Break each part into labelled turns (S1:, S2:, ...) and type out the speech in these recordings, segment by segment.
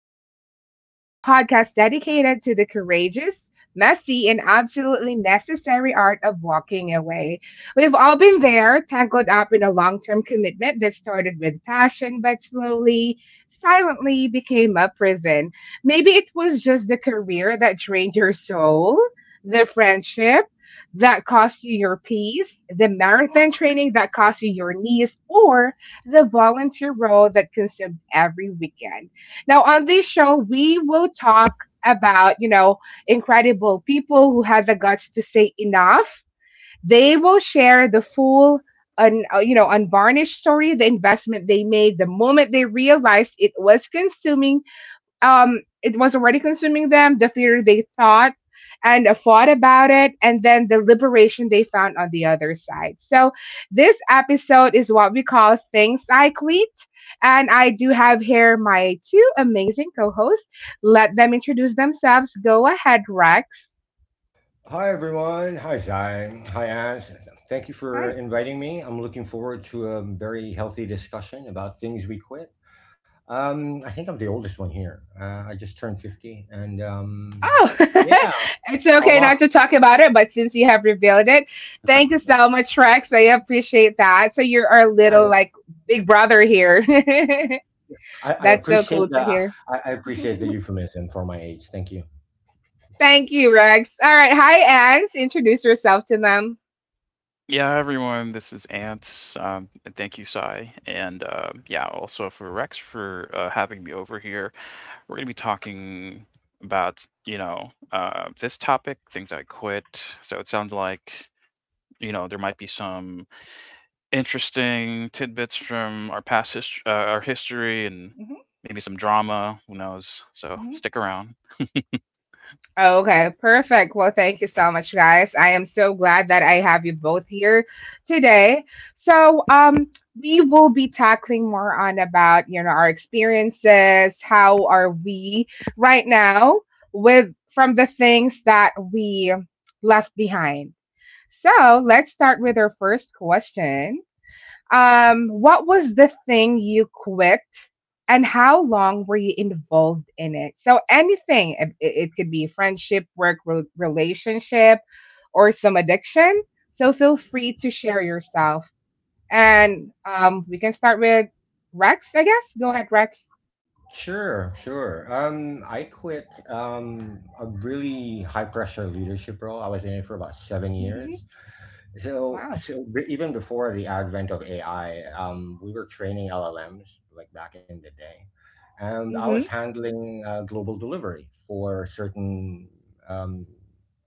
S1: series, the podcast dedicated to the courageous, messy, and absolutely necessary art of walking away. We've all been there, tangled up in a long term commitment that started with passion, but slowly, silently became a prison. Maybe it was just the career that drained your soul, the friendship that cost you your peace, the marathon training that cost you your knees, or is a volunteer role that consumed every weekend. Now, on this show, we will talk about, incredible people who had the guts to say enough. They will share the full, unvarnished story, the investment they made, the moment they realized it was already consuming them, the fear they thought and fought about it, and then the liberation they found on the other side. So, this episode is what we call Things I Quit. And I do have here my two amazing co hosts. Let them introduce themselves. Go ahead, Rex.
S2: Hi, everyone. Hi, Zai. Hi, Anne. Thank you for
S1: Hi.
S2: inviting me. I'm looking forward to a very healthy discussion about things we quit. I think I'm the oldest one here. I just turned 50.
S1: Oh.
S2: Yeah,
S1: It's okay not
S2: Allah.
S1: to talk about it, but since you have revealed it, thank you so much, Rex. I appreciate that. So, you're our little, like, big brother here.
S2: I
S1: That's so
S2: appreciate
S1: cool
S2: the
S1: to hear.
S2: I appreciate the euphemism for my age. Thank you.
S1: Thank you, Rex. All right. Hi, Anne. Introduce yourself to them.
S3: Yeah, everyone, this is Ant. And thank you, Sai. And yeah, also for Rex for having me over here. We're going to be talking about, this topic, things I quit. So it sounds like, there might be some interesting tidbits from our our history and
S1: Mhm,
S3: maybe some drama. Who knows? So
S1: mhm.
S3: stick around.
S1: Okay, perfect. Well, thank you so much, guys. I am so glad that I have you both here today. So, we will be tackling more on about our experiences. How are we right now with from the things that we left behind? So let's start with our first question. What was the thing you quit and how long were you involved in it? So anything, it could be friendship, work, relationship, or some addiction. So feel free to share yourself.
S2: Wow.
S1: And we can start with Rex, I guess. Go ahead, Rex.
S2: Sure, sure. I quit a really high pressure leadership role. I was in it for about seven
S1: Hmm.
S2: years.
S1: Wow.
S2: Even before the advent of AI, we were training LLMs like back in the day, and I was
S1: Hmm.
S2: handling global delivery for certain um,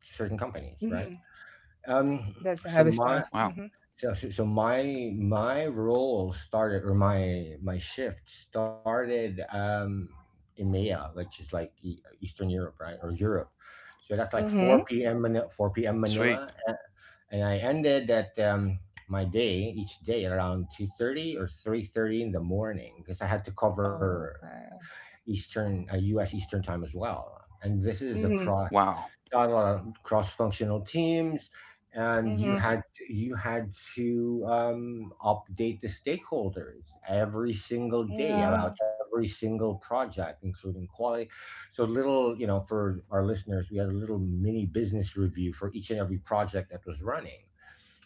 S2: certain companies, right?
S1: Hmm.
S2: Um,
S1: That's the
S2: so
S1: heavy
S2: my
S1: stuff.
S3: Wow.
S1: Hmm.
S2: so my role started, or my shift started, EMEA, which is like Eastern Europe, right, or Europe. So that's like four
S1: Hmm.
S2: p.m. Manila, four p.m. Manila,
S3: Sweet.
S2: and I ended at my day each day around 2:30 or 3:30 in the morning, because I had to cover
S1: Okay.
S2: Eastern U.S. Eastern time as well. And this is
S1: Hmm.
S2: across
S3: Wow.
S2: got a lot of cross-functional teams, and
S1: Hmm.
S2: you had to update the stakeholders every single day
S1: Yeah.
S2: about every single project, including quality. So little, you know, for our listeners, we had a little mini business review for each and every project that was running,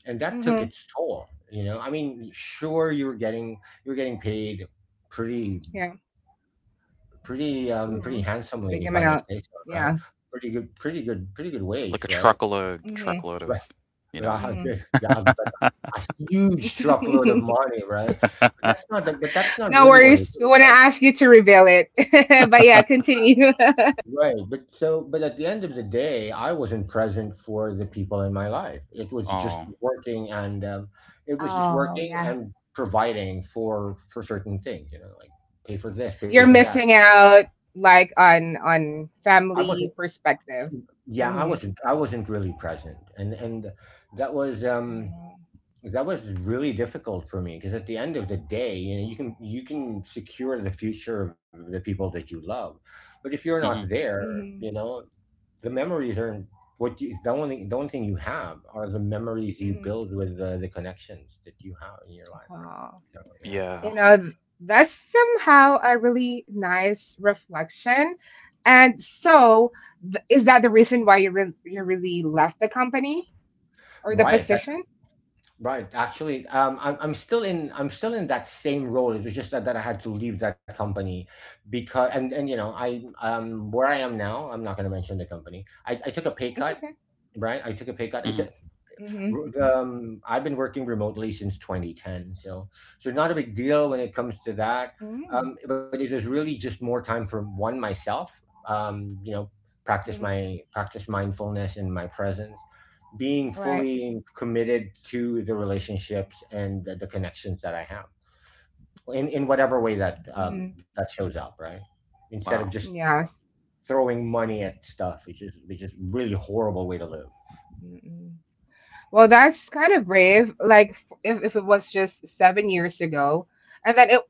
S2: and that took
S1: Hmm.
S2: its toll. You know, I mean, sure, you were getting, you were getting paid pretty pretty
S1: Mm-hmm.
S2: handsomely, if
S1: Big
S2: I may
S1: amount.
S2: say so, right?
S1: Yeah.
S2: Pretty good, pretty good, pretty good
S3: Like
S2: wage,
S3: a
S2: right?
S3: truckload,
S1: Hmm.
S3: truckload
S2: Right.
S3: of, you know.
S2: Yeah,
S1: Hmm.
S2: yeah, but a huge truckload of money, right? But that's not
S1: No
S2: really what it
S1: worries. We
S2: is,
S1: want to
S2: right?
S1: ask you to reveal it. But yeah, continue.
S2: Right, but at the end of the day, I wasn't present for the people in my life. It was just
S3: Oh,
S2: working, and it was just
S1: Oh
S2: working
S1: yeah.
S2: and providing for certain things. You know, like pay for this, pay for
S1: You're
S2: that.
S1: missing out, like, on
S2: I wasn't.
S1: family perspective.
S2: Yeah, I
S1: Hmm.
S2: wasn't. I wasn't really present, and that was um that was really difficult for me, because at the end of the day, you know, you can, you can secure the future of the people that you love, but if you're not
S3: mhm.
S2: there, you
S1: Hmm.
S2: know, the memories are what you the only thing you have are the memories you
S1: Hmm.
S2: build with the connections that you have in your life, right?
S1: Oh.
S2: So, yeah,
S1: You
S3: Yeah.
S2: that,
S1: know, that's somehow a really nice reflection. And so, is that the reason why you you really left the company or the
S2: right, that
S1: position?
S2: right. actually I'm, I'm still in that same role. It was just that I had to leave that company. Because and you know I Where I am now, I'm not going to mention the company. I took a pay
S1: It's
S2: cut,
S1: okay.
S2: right? I took a pay cut, it,
S3: Mhm.
S1: Mhm.
S2: I've been working remotely since 2010, so not a big deal when it comes to that.
S1: Mm.
S2: But it was really just more time for one myself. Um, you know,
S1: Mhm.
S2: Practice mindfulness and my presence, being
S1: Right.
S2: fully committed to the relationships and the connections that I have in whatever way that
S1: Mhm.
S2: that shows up, right? Instead of
S3: Wow.
S2: just
S1: Yes.
S2: throwing money at stuff, which is, which is really horrible way to live.
S1: Mm-mm. Well, that's kind of brave. Like, if it was just 7 years ago, and then it.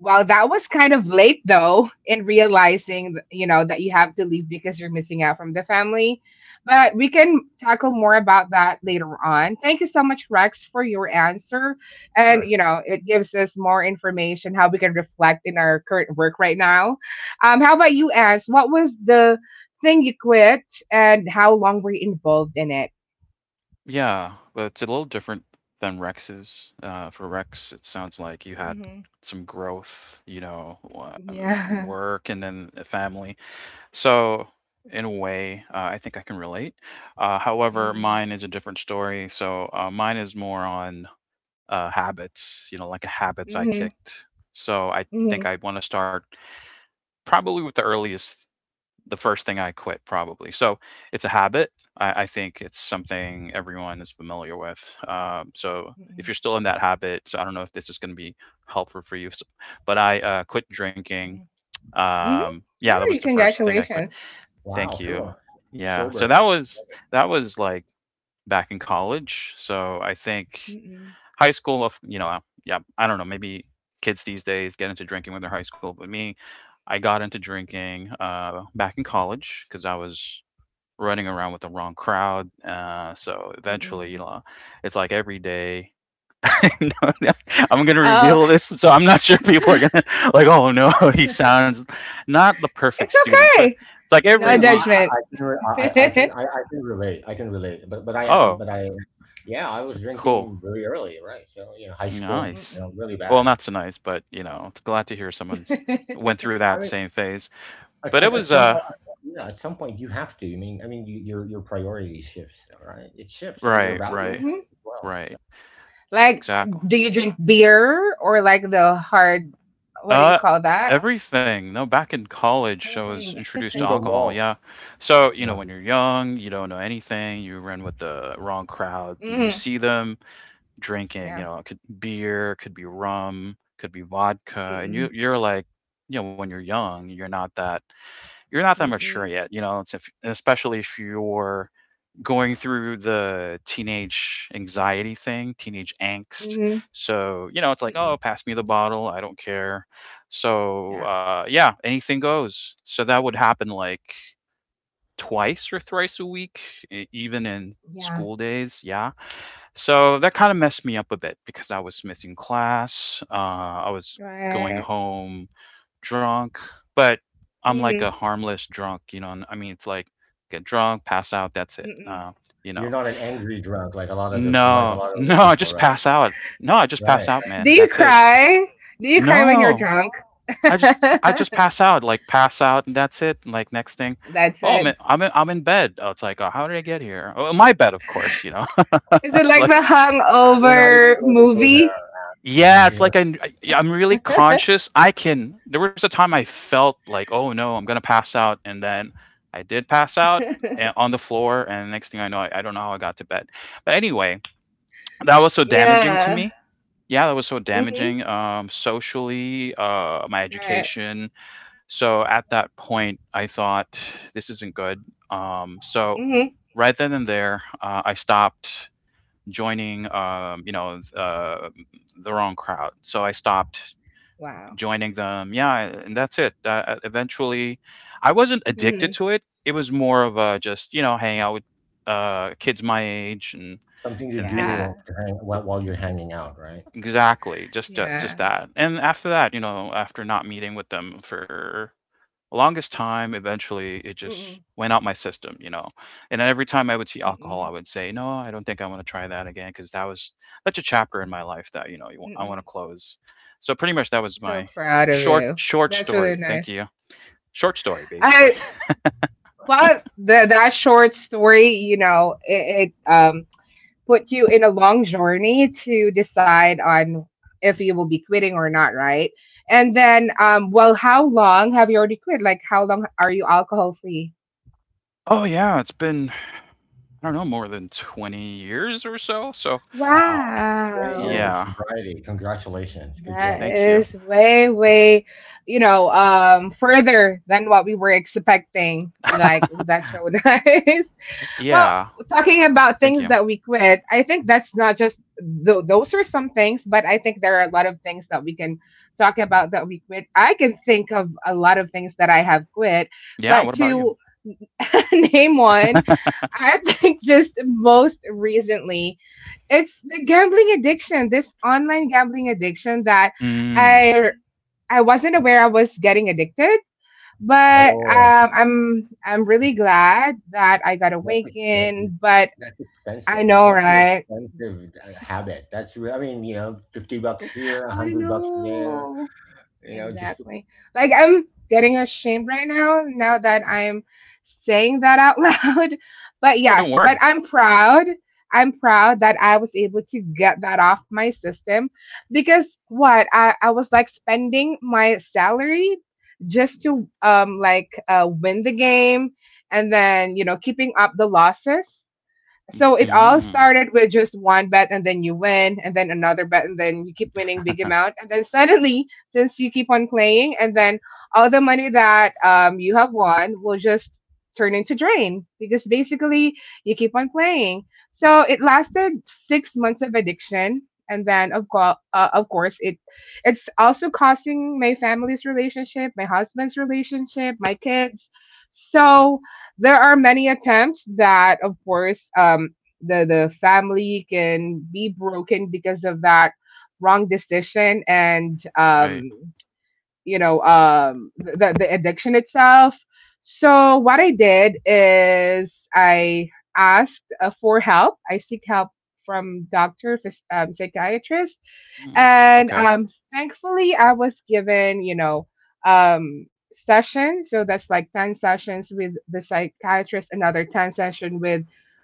S1: Well, that was kind of late though in realizing, that you have to leave because you're missing out from the family. But we can tackle more about that later on. Thank you so much, Rex, for your answer. And
S2: Sure.
S1: it gives us more information how we can reflect in our current work right now. How about you, Ans? What was the thing you quit and how long were you involved in it?
S3: Yeah, but it's a little different than Rex's. For Rex, it sounds like you had some growth, in
S1: Yeah.
S3: work and then a family. So, in a way, I think I can relate. However,
S1: Mm.
S3: mine is a different story. So, mine is more on habits, like a habits I
S1: Mhm.
S3: kicked. So, I think
S1: Mhm.
S3: I want to start probably with the first thing I quit probably. So it's a habit. I think it's something everyone is familiar with. So if
S1: Mhm.
S3: you're still in that habit, so I don't know if this is going to be helpful for you, but I quit drinking.
S1: Mhm. Mhm.
S3: Yeah, that was
S1: Really,
S3: the first thing I quit.
S1: congratulations.
S3: Thank
S2: Wow.
S3: you.
S2: Cool.
S3: Yeah. So that
S2: Sober.
S3: was like back in college. So I think
S1: Mm-mm.
S3: high school of yeah, I don't know, maybe kids these days get into drinking when they're high school, but me, I got into drinking, back in college because I was running around with the wrong crowd, so eventually,
S1: Mm-mm.
S3: it's like every day. No, no, I'm gonna
S1: Oh,
S3: reveal this, so I'm not sure people are gonna like, "Oh, no, he sounds not the perfect
S1: it's
S3: student," but
S1: okay.
S3: it's like
S2: No,
S3: every
S1: No
S3: week.
S1: judgment.
S2: I can re- I can relate. I can relate. But I am
S3: Oh,
S2: but I Yeah, I was
S3: cool.
S2: drinking really early, right? So, you know, high school,
S3: Nice.
S2: you
S1: Mm-mm.
S2: know, really
S3: Well,
S2: bad.
S3: not so nice, but, it's glad to hear someone's went through
S2: I
S3: that
S2: mean,
S3: same phase. But it
S2: at
S3: was,
S2: some
S3: uh
S2: yeah, at some point you have to. I mean, your priority shifts, right? It shifts, and
S3: right,
S2: your
S3: right,
S2: value
S1: Mhm.
S2: shifts as well.
S3: right.
S2: So,
S1: Like,
S3: Exactly.
S1: do you drink beer or like the hard? What do you
S3: Uh,
S1: call that?
S3: everything. No, back in college, I was
S1: Everything.
S3: introduced to
S2: single
S3: alcohol.
S2: malt,
S3: Yeah. So,
S2: you know,
S3: when you're young, you don't know anything. You run with the wrong crowd. You
S1: Mm.
S3: see them drinking,
S1: Yeah.
S3: it could beer, could be rum, could be vodka, and you
S1: Mm-mm.
S3: you're like, when you're young, you're not that mature
S1: Mm-mm.
S3: yet, it's if, especially if you're going through the teenage anxiety thing, teenage angst.
S1: Mm-mm.
S3: So, it's like,
S1: Mm-mm.
S3: oh, pass me the bottle. I don't care. So,
S1: Yeah.
S3: yeah, anything goes. So that would happen like twice or thrice a week, even in
S1: Yeah.
S3: school days. Yeah. So that kind of messed me up a bit because I was missing class. I was going
S1: Right.
S3: home drunk, but I'm like a
S1: Mm-mm.
S3: harmless drunk, and I mean, it's like get drunk, pass out, that's it.
S1: Mm-mm.
S3: You know,
S2: you're not an angry drunk, like a lot of the, like a
S3: no,
S2: lot of the
S3: no, I
S2: people,
S3: just
S2: right?
S3: pass out. No, I just pass
S2: Right.
S3: out,
S1: Do
S3: man.
S1: you
S3: That's it.
S1: cry? Do you cry when you're
S3: No,
S1: drunk?
S3: I just pass out, like pass out, and that's it. And like next thing,
S1: That's
S3: oh
S1: it.
S3: man, I'm in bed. Oh, it's like, oh, how did I get here? Oh, my bed, of course.
S1: Is it
S3: It's
S1: like the
S3: like.
S2: We're not even
S1: Hungover
S2: going to go
S1: movie?
S2: there.
S3: Yeah,
S2: You
S3: it's
S2: know,
S3: like I'm really conscious. I can There was a time I felt like, "Oh no, I'm gonna pass out," and then I did pass out on the floor, and the next thing I know, I don't know how I got to bed. But anyway, that was so damaging to
S1: Yeah.
S3: me. Yeah, that was so
S1: Hmm.
S3: damaging socially, my
S1: Right.
S3: education. So at that point, I thought this isn't good. So
S1: Hmm.
S3: right then and there, I stopped joining the wrong crowd, so I stopped
S1: Wow.
S3: joining them, yeah, and that's it. Eventually, I wasn't addicted
S1: Hmm.
S3: to it. It was more of a just hanging out with kids my age, and
S2: something to
S3: and, and
S1: Yeah.
S2: do to hang while
S3: w-
S2: you're hanging out, right?
S3: exactly, just just
S1: Yeah.
S3: that. And after that, after not meeting with them for longest time, eventually it just
S1: Mm-mm.
S3: went out my system. And then every time I would see alcohol, I
S1: Mm-mm.
S3: would say, "No, I don't think I want to try that again," because that was such a chapter in my life that I want to
S1: Mm-mm.
S3: close. So pretty much that was
S1: So
S3: my
S1: proud of
S3: short
S1: you.
S3: short
S1: That's really
S3: story. Thank
S1: nice.
S3: you. Short story, basically.
S1: I love that short story. You know, it put you in a long journey to decide on if you will be quitting or not, right? And then, well, how long have you already quit? Like, how long are you alcohol free?
S3: Oh yeah, it's been, I don't know, more than 20 years or so. So
S2: Wow. 20 years of
S1: Wow,
S3: yeah,
S2: sobriety. Congratulations. Good
S1: that
S2: job.
S3: thank you.
S1: is way, way, further than what we were expecting. Like, oh, that's so nice. Well,
S3: Yeah,
S1: talking about
S3: thank
S1: things
S3: you.
S1: that we quit, I think that's not just those are some things, but I think there are a lot of things that we can talk about that we quit. I can think of a lot of things that I have quit,
S3: Yeah, what
S1: but
S3: about you?
S1: to name one, I think just most recently, it's the gambling addiction, this online gambling addiction that
S3: Mm.
S1: I I wasn't aware I was getting addicted, but
S2: Oh,
S1: I'm really glad that I got
S2: that's expensive.
S1: awakened. But
S2: That's
S1: I
S2: expensive.
S1: know,
S2: That's an
S1: right?
S2: expensive habit. That's, re- I mean, you know, $50 here,
S1: I
S2: $100 there,
S1: know.
S2: you know, just
S1: Exactly. Like, I'm getting ashamed right now, now that I'm saying that out loud. But
S3: Oh, don't
S1: yes, but
S3: worry.
S1: I'm proud. I'm proud that I was able to get that off my system because what I was like spending my salary just to like win the game and then keeping up the losses. So it all
S3: Mm.
S1: started with just one bet and then you win and then another bet and then you keep winning big amount and then suddenly since you keep on playing and then all the money that you have won will just turn into drain because basically you keep on playing. So it lasted 6 months of addiction and then of course it's also costing my family's relationship, my husband's relationship, my kids. So there are many attempts that of course the family can be broken because of that wrong decision and
S3: Right.
S1: the addiction itself. So what I did is I asked for help. I seek help from doctor psychiatrist.
S3: Mm.
S1: And
S3: Okay.
S1: thankfully, I was given sessions. So that's like 10 sessions with the psychiatrist, another 10 session with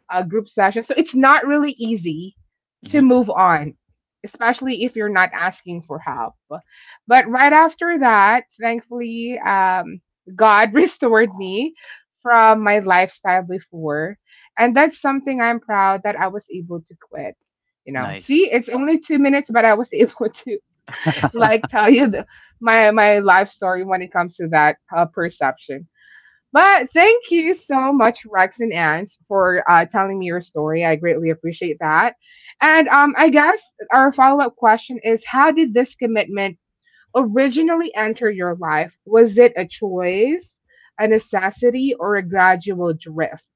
S1: a group session. So it's not really easy to
S3: Hmm.
S1: move on, especially if you're not asking for help. But right after that, thankfully, God restored me from my lifestyle before. And that's something I'm proud that I was able to quit, see,
S3: Nice.
S1: it's only 2 minutes, but I was able to like tell you the, my life story when it comes to that perception. But thank you so much, Rex and Ans, for telling me your story. I greatly appreciate that. And I guess our follow up question is: how did this commitment originally enter your life? Was it a choice, a necessity, or a gradual drift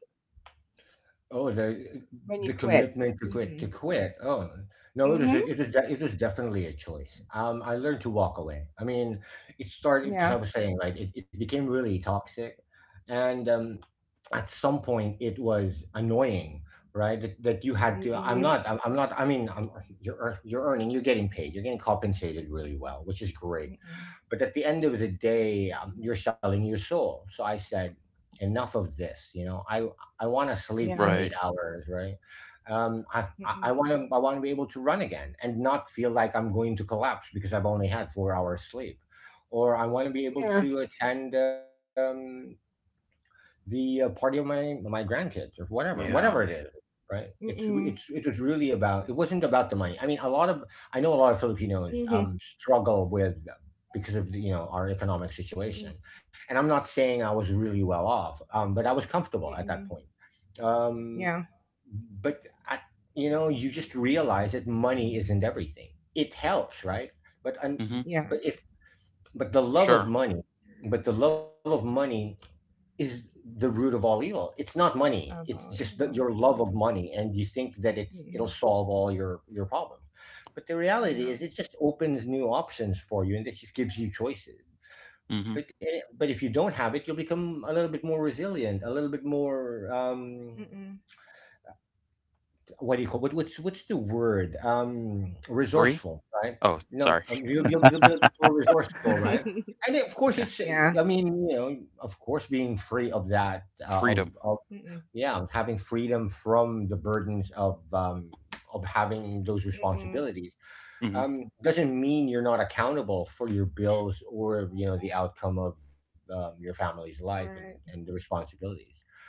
S2: Oh, the
S1: when you quit?
S2: commitment to quit,
S1: Mm-hmm.
S2: to quit. Oh, no, it was
S1: Mm-hmm.
S2: a, it was definitely a choice. I learned to walk away. I mean, it started because I
S1: Yeah.
S2: was saying like it became really toxic, and at some point it was annoying, right? That you had to. I'm
S1: Mm-mm.
S2: not. I'm not. I mean, I'm, you're earning. You're getting paid. You're getting compensated really well, which is great.
S1: Mm-mm.
S2: But at the end of the day, you're selling your soul. So I said, enough of this. I want to sleep for
S1: Yeah.
S2: eight
S3: Right.
S2: hours, right? Um, I
S1: Mm-mm.
S2: I want to, I want to be able to run again and not feel like I'm going to collapse because I've only had 4 hours sleep, or I want to be able
S1: Yeah.
S2: to attend the party of my grandkids, or whatever, whatever it
S3: Yeah.
S2: is,
S1: Mm-mm.
S2: right? It's re- it's,
S1: Mm-mm.
S2: it was really about, it wasn't about the money. I mean, a lot of, I know a lot of Filipinos
S1: Mhm.
S2: struggle with, because of, the, you know, our economic
S1: Mm-mm.
S2: situation, and I'm not saying I was really well off, but I was comfortable at that
S1: Mm-mm.
S2: point. um
S1: Yeah.
S2: but I, you know, you just realize that money isn't everything. It helps, right? but and
S3: Hmm.
S2: but if
S1: Yes.
S2: But the
S3: For
S2: love of
S3: sure.
S2: money, but the love of money is the root of all evil. It's not money. It's
S1: About
S2: just that your
S1: evil.
S2: love of
S1: Mm-hmm.
S2: money, and you think that it'll
S1: Mm-mm.
S2: solve all your problems. But the reality
S1: Yeah.
S2: is, it just opens new options for you, and it just gives you choices.
S3: Hmm.
S2: But if you don't have it, you'll become a little bit more resilient, a little bit more
S1: Mm-mm.
S2: what do you call what, what's the word
S3: Free?
S2: resourceful, right?
S3: Oh,
S2: No,
S3: sorry.
S1: Mm-hmm.
S2: you'll be more resourceful, right? And of course,
S3: Okay.
S2: it's,
S1: Yeah.
S2: I mean, you know, of course, being free of that of
S3: Freedom.
S1: Mm-mm.
S2: yeah, having freedom from the burdens of having those
S1: Mm-mm.
S2: responsibilities,
S3: Hmm.
S2: doesn't mean you're not accountable for your bills, or you know the outcome of your family's life, and
S1: Right.
S2: the responsibilities.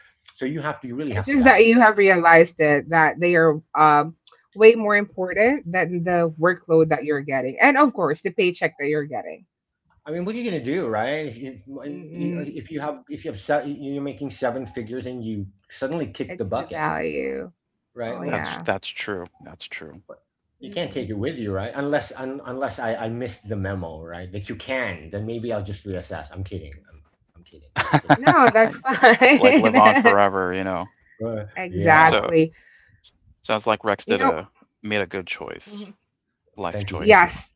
S2: So you have to, you really have to
S1: It's just
S2: balance
S1: that
S2: it.
S1: you have realized it that they are way more important than the workload that you're getting, and of course the paycheck that you're getting.
S2: I mean, what are you going to do, right, if you,
S1: Mm-mm.
S2: if you have you're making seven figures and you suddenly kick the
S1: It's the
S2: bucket,
S1: value. Oh
S2: right? Well,
S3: That's
S1: yeah.
S3: that's true. That's true.
S2: you can't take
S1: Mm-mm.
S2: it with you, right? Unless, unless I, I missed the memo, right? That you can, then maybe I'll just reassess. I'm kidding. I'm kidding. I'm kidding.
S1: No, that's
S3: Like live
S1: fine.
S3: on forever.
S2: But yeah,
S3: So
S1: Exactly.
S3: sounds like Rex
S1: You
S3: did
S1: know,
S3: a made a good
S1: mhm.
S3: choice, life
S2: thank you, thank
S3: choice.
S2: you.
S1: Yes,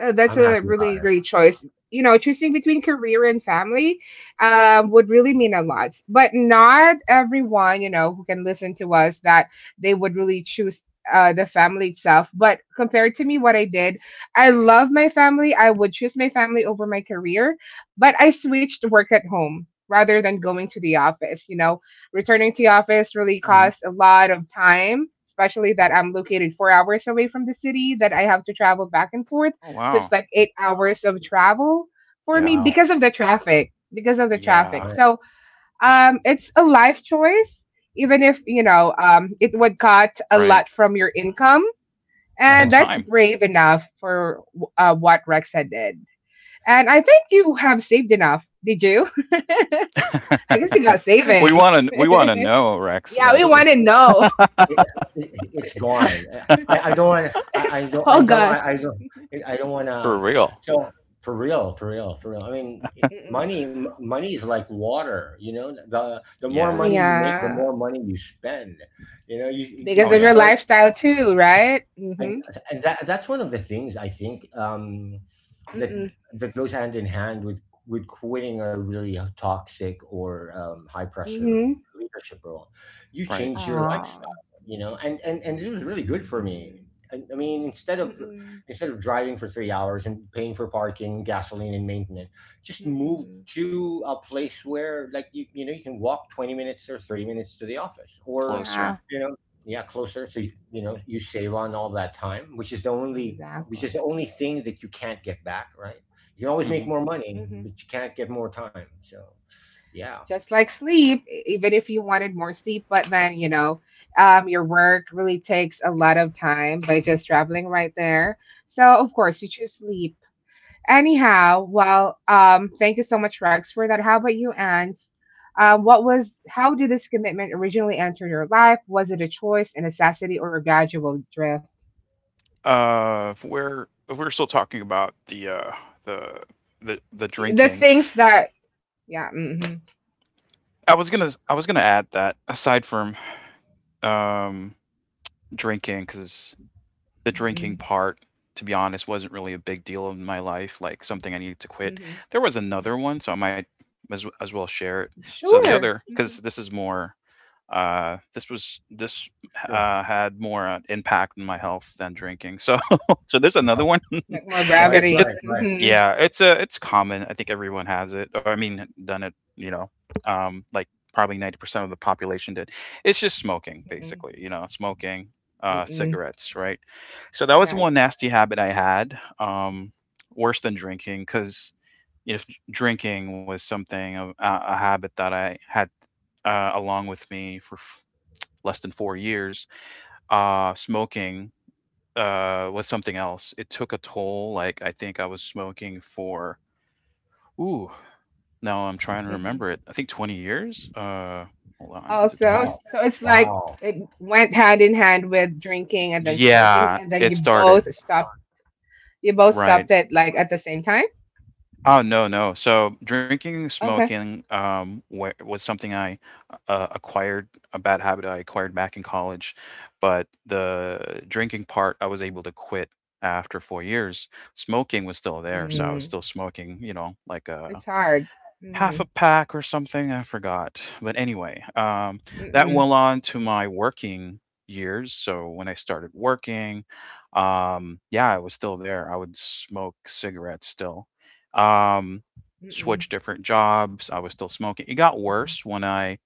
S1: that's
S2: I'm
S1: a
S2: happy
S1: really
S2: about it.
S1: great choice. You know, choosing between career and family would really mean a lot. But not everyone, who can listen to us that they would really choose the family itself. But compared to me, what I did, I love my family. I would choose my family over my career, but I switched work at home rather than going to the office. You know, returning to the office really
S3: Hmm.
S1: costs a lot of time. Especially that I'm located 4 hours away from the city, that I have to travel back and forth,
S3: Oh
S1: so it's
S3: wow.
S1: like 8 hours of travel for
S3: Yeah.
S1: me
S2: Wow.
S1: because of the traffic. Because of the
S3: Yeah.
S1: traffic.
S2: Right.
S1: So it's a life choice, even if it would cut a
S3: Right.
S1: lot from your income. And
S3: And
S2: Uh-huh.
S1: that's
S3: time.
S1: brave enough for what Rexa did. And I think you have saved enough. Did you? I guess you got
S3: we
S1: savings.
S3: want to we want to know, Rex.
S1: Yeah,
S3: Like,
S1: we
S2: It,
S1: want to
S2: it,
S1: know.
S2: it, it's gone. I don't want.
S1: It's,
S2: I don't. I
S1: oh,
S2: don't.
S1: God.
S2: I don't. I don't want
S3: for
S2: to.
S3: real.
S2: So for real, for real, for real.
S1: Mm-mm.
S2: Money is like water. You know, the more
S1: No,
S3: Yeah.
S2: money you make, the
S1: yeah.
S2: more money you spend. You know, you you
S1: Because
S3: Oh
S2: you
S1: of your
S3: yeah.
S2: start.
S1: lifestyle, too, right? Mm hmm.
S2: I, and that, that's one of the things I think,
S1: Mm
S2: that
S1: mm.
S2: that goes hand in hand with quitting a really toxic or high pressure
S1: Mm
S2: leadership role. You
S3: Right.
S2: change your
S1: hmm.
S2: lifestyle, you know, and it was really good for me.
S1: Mm-mm,
S2: I mean, instead of,
S1: mm-mm,
S2: instead of driving for 3 hours and paying for parking, gasoline, and maintenance, just move
S1: mm-mm.
S2: to a place where, like, you know, you can walk 20 minutes or 30 minutes to the office, or
S3: Closer.
S1: Yeah,
S2: you know, yeah, closer. So you know,
S1: mm-mm.
S2: you save on all that time, which is the only, which is the
S1: Exactly.
S2: only thing that you can't get back, right? You can always make
S3: Hmm.
S2: more money,
S1: Hmm.
S2: but you can't get more time. So yeah.
S1: Just like sleep, even if you wanted more sleep, but then, your work really takes a lot of time by just traveling right there. So, of course, you choose sleep. Anyhow, well, thank you so much, Rex, for that. How about you, Ans? How did this commitment originally enter your life? Was it a choice, a necessity, or a gradual drift?
S3: If we're still talking about the the
S1: The
S3: drinking,
S1: things that, yeah, mm-hmm,
S3: I was gonna add that aside from um drinking, because the
S1: mm-hmm.
S3: drinking part, to be honest, wasn't really a big deal in my life. Like something I needed to quit.
S1: Mm-hmm.
S3: There was another one, so I might as well share it. So the
S1: Sure.
S3: other, because
S1: Hmm.
S3: this is more this was this
S2: Sure.
S3: had more impact on my health than drinking. So so there's
S2: Wow.
S3: another one.
S1: Like more
S2: Right,
S3: it's
S2: right,
S3: it's
S1: gravity.
S2: right.
S1: Hmm.
S3: yeah, it's common. I think everyone has it, or I mean, done it. Like probably 90% of the population did. It's just smoking,
S1: Mm-mm.
S3: basically. Smoking
S1: Mm-mm.
S3: cigarettes, right? So that was
S1: Yeah.
S3: one nasty habit I had. Worse than drinking, because if drinking was something of a habit that I had along with me for less than 4 years, smoking, was something else. It took a toll, like, I think I was smoking for ooh, now I'm trying to
S1: Hmm.
S3: remember it. I think 20 years? Hold on, is it
S1: Also,
S2: Wow.
S3: 20?
S1: so it's like
S2: Wow.
S1: it went hand in hand with drinking and then smoking,
S3: Yeah,
S1: and then
S3: it
S1: you
S3: started
S1: both stopped. You both
S3: right.
S1: stopped it like at the same time.
S3: Oh, no, no. So, drinking
S1: Okay.
S3: smoking, wa was something I acquired, a bad habit I acquired back in college, but the drinking part I was able to quit after 4 years. Smoking was still there, so I was
S1: Mm.
S3: still smoking, like a
S1: It's hard.
S3: half a
S1: Mm-mm.
S3: pack or something. I forgot. But anyway, that
S1: Mm-mm.
S3: went on to my working years. So when I started working, yeah, it was still there. I would smoke cigarettes still. Um,
S1: Mm-mm.
S3: switch different jobs. I was still smoking. It got
S1: Mm-mm.
S3: worse when I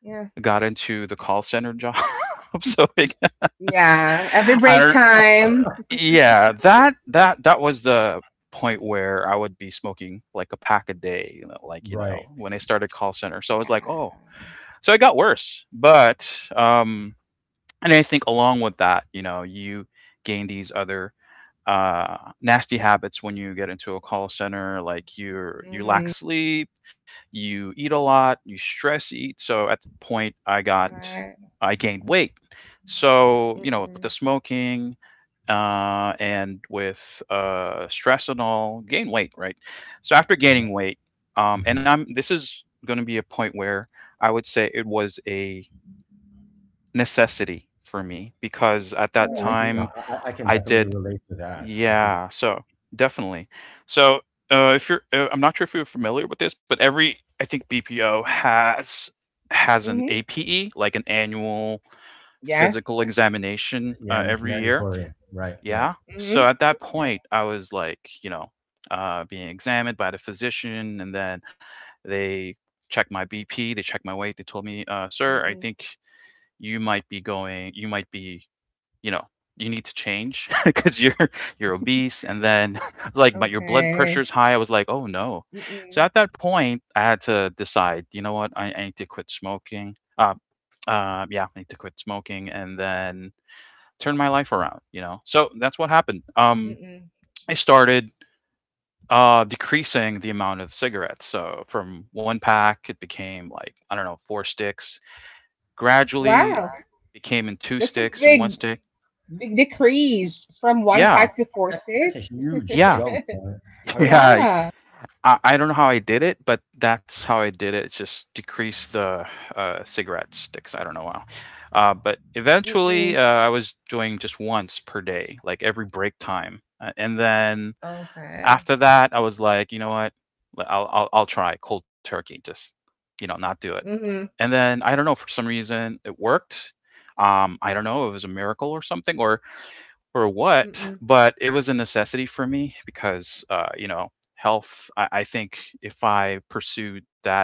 S1: Yeah.
S3: got into the call center job. So like,
S1: Yeah. Every
S3: I
S1: break
S3: don't. Uh,
S1: time.
S3: yeah, that was the point where I would be smoking like a pack a day. Like
S2: Right.
S3: when I started call center. So I was like, oh,
S1: Yeah.
S3: so it got worse. But And I think along with that, you gain these other nasty habits when you get into a call center, like you
S1: Mm-hmm.
S3: lack sleep, you eat a lot, you stress eat, so at the point i got
S1: Right.
S3: i gained weight. So with the
S1: Mm-mm.
S3: smoking and with stress and all, gain weight, right? So after gaining weight, and
S2: Mhm.
S3: I'm this is going to be a point where I would say it was a necessity for me because at that
S2: Oh, I
S1: Mm-hmm.
S2: can,
S3: time
S2: I can
S3: I
S2: definitely
S3: did,
S2: relate to that.
S3: yeah, so definitely. So, if I'm not sure if you're familiar with this, but every I think BPO has an
S1: Mm-hmm.
S3: APE, like an annual
S1: Yeah.
S3: physical examination
S2: Yeah, it's
S3: every year.
S2: mandatory, right, right.
S3: Yeah. So
S1: Mm-hmm.
S3: at that point, I was like, being examined by the physician, and then they checked my BP, they checked my weight, they told me, sir, I
S1: Right.
S3: think you might be going, you might be you know you need to change, because you're obese, and then like my your blood
S1: Okay.
S3: pressure's high. I was like, oh no, so at
S1: Mm-mm.
S3: that point I had to decide, you know what, I need to quit smoking uh, uh yeah i need to quit smoking and then turn my life around. So that's what happened.
S1: Mm-mm.
S3: I started decreasing the amount of cigarettes, so from one pack it became like, I don't know, four sticks,
S1: Wow.
S3: gradually it
S1: Uh,
S3: became in two
S1: That's a
S3: sticks and one
S1: big,
S3: stick.
S1: big decrease from one
S2: That's,
S3: Yeah,
S1: pack to four
S2: that's a
S1: sticks.
S2: huge
S3: yeah,
S2: jump, right? I mean,
S3: yeah.
S1: Yeah.
S3: I don't know how I did it, but that's how I did it. Just decrease the cigarette sticks. I don't know how. But eventually,
S1: Mm-mm.
S3: I was doing just once per day, like every break time. And then
S1: Okay.
S3: after that, I was like, you know what? I'll try cold turkey, just, not do it.
S1: Mm-hmm.
S3: And then I don't know, for some reason, it worked. I don't know, it was a miracle or something, or what,
S1: Mm-mm.
S3: but it was a necessity for me because, you know, health, I think if I pursued that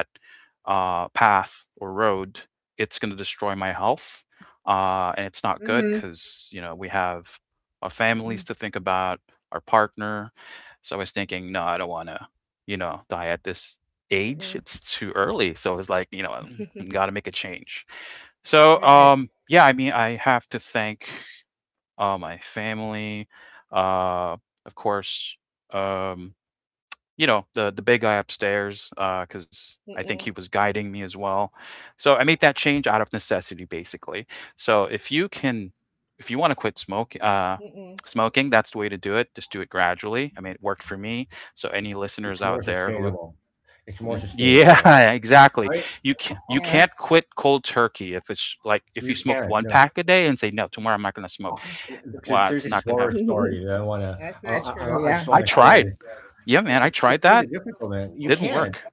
S3: path or road, it's going to destroy my health. And it's not good
S1: Mm-hmm.
S3: because, you know, we have our
S1: Mm-mm.
S3: families to think about, our partner. So I was thinking, no, I don't want to, die at this
S1: Mm-mm.
S3: age. It's too early. So it was like, you know, got to make a change. So,
S1: Right.
S3: yeah, I mean, I have to thank my family, uh, of course, um, you know, the big guy upstairs, because I think he
S1: Mm-mm.
S3: was guiding me as well. So I made that change out of necessity, basically. So if you can, if you want to quit smoke,
S1: Mm-mm.
S3: smoking, that's the way to do it. Just do it gradually. I mean, it worked for me. So any
S2: it's
S3: listeners
S2: more
S3: out there who
S2: sustainable, it's more
S3: Mm,
S2: sustainable,
S3: yeah,
S2: right? I
S3: exactly.
S2: mean,
S3: You can't you
S1: Yeah.
S3: can't quit cold turkey if it's like if
S2: you
S3: you smoke
S2: can't.
S3: one
S2: No,
S3: pack a day and say no, tomorrow I'm not going to smoke.
S2: Uh,
S1: Mm-mm.
S2: because
S3: Well,
S2: there's
S3: it's
S2: this
S3: not going to
S2: horror story that I want to.
S1: That's not true.
S2: I just
S1: Yeah.
S3: I
S2: want to share
S3: tried.
S2: this.
S3: Yeah, man, I
S2: It's
S3: tried
S2: it's
S3: that.
S2: really difficult, man. You
S3: Didn't
S2: can't.
S3: work.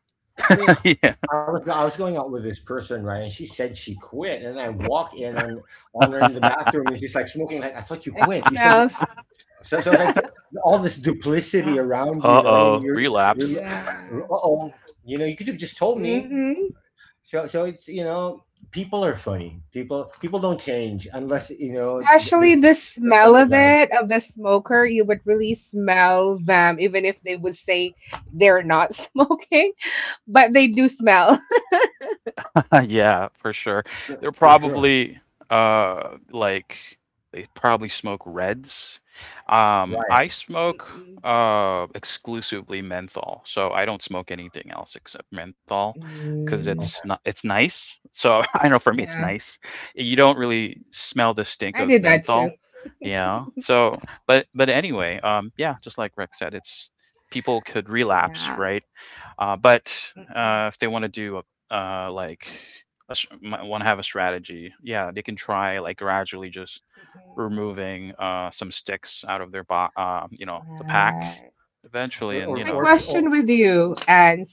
S2: I mean,
S3: yeah.
S2: I was, I was going out with this person, right? And she said she quit, and I walk in on her in the bathroom, and she's like smoking. Like, I thought you
S1: It
S2: quit. You said
S1: smells.
S2: so. So it's like all this duplicity around you. You
S3: Uh
S2: know, you
S3: oh,
S2: you're
S3: relapse.
S2: you're. Uh
S1: Yeah.
S2: oh, you know, you could have just told me.
S1: Mm-hmm.
S2: So, so it's, you know, people are funny. People, people don't change unless, you know, there's
S1: Especially the
S2: there's
S1: smell
S2: some
S1: of
S2: event.
S1: it, of the smoker, you would really smell them, even if they would say they're not smoking, but they do smell.
S3: Yeah, for sure.
S2: Sure,
S3: They're
S2: for sure.
S3: probably like they probably smoke reds.
S2: Right.
S3: I smoke
S1: Mm-mm.
S3: exclusively menthol. So I don't smoke anything else except menthol cuz
S1: Mm,
S3: it's
S2: Okay.
S3: not it's nice. So I don't know, for me it's
S1: yeah,
S3: nice. You don't really smell the stink
S1: I
S3: of
S1: did that too.
S3: menthol. Yeah. So but anyway, yeah, just like Rick said, it's people could relapse,
S1: Yeah.
S3: right? But
S1: Mm-mm.
S3: if they want to do a uh, like want to have a strategy, yeah, they can try like gradually just
S1: Mm-mm.
S3: removing some sticks out of their you know, the pack
S1: Right.
S3: eventually,
S2: Or
S3: and
S2: or,
S3: you
S1: Quick
S3: know,
S2: or, or
S1: question with you, and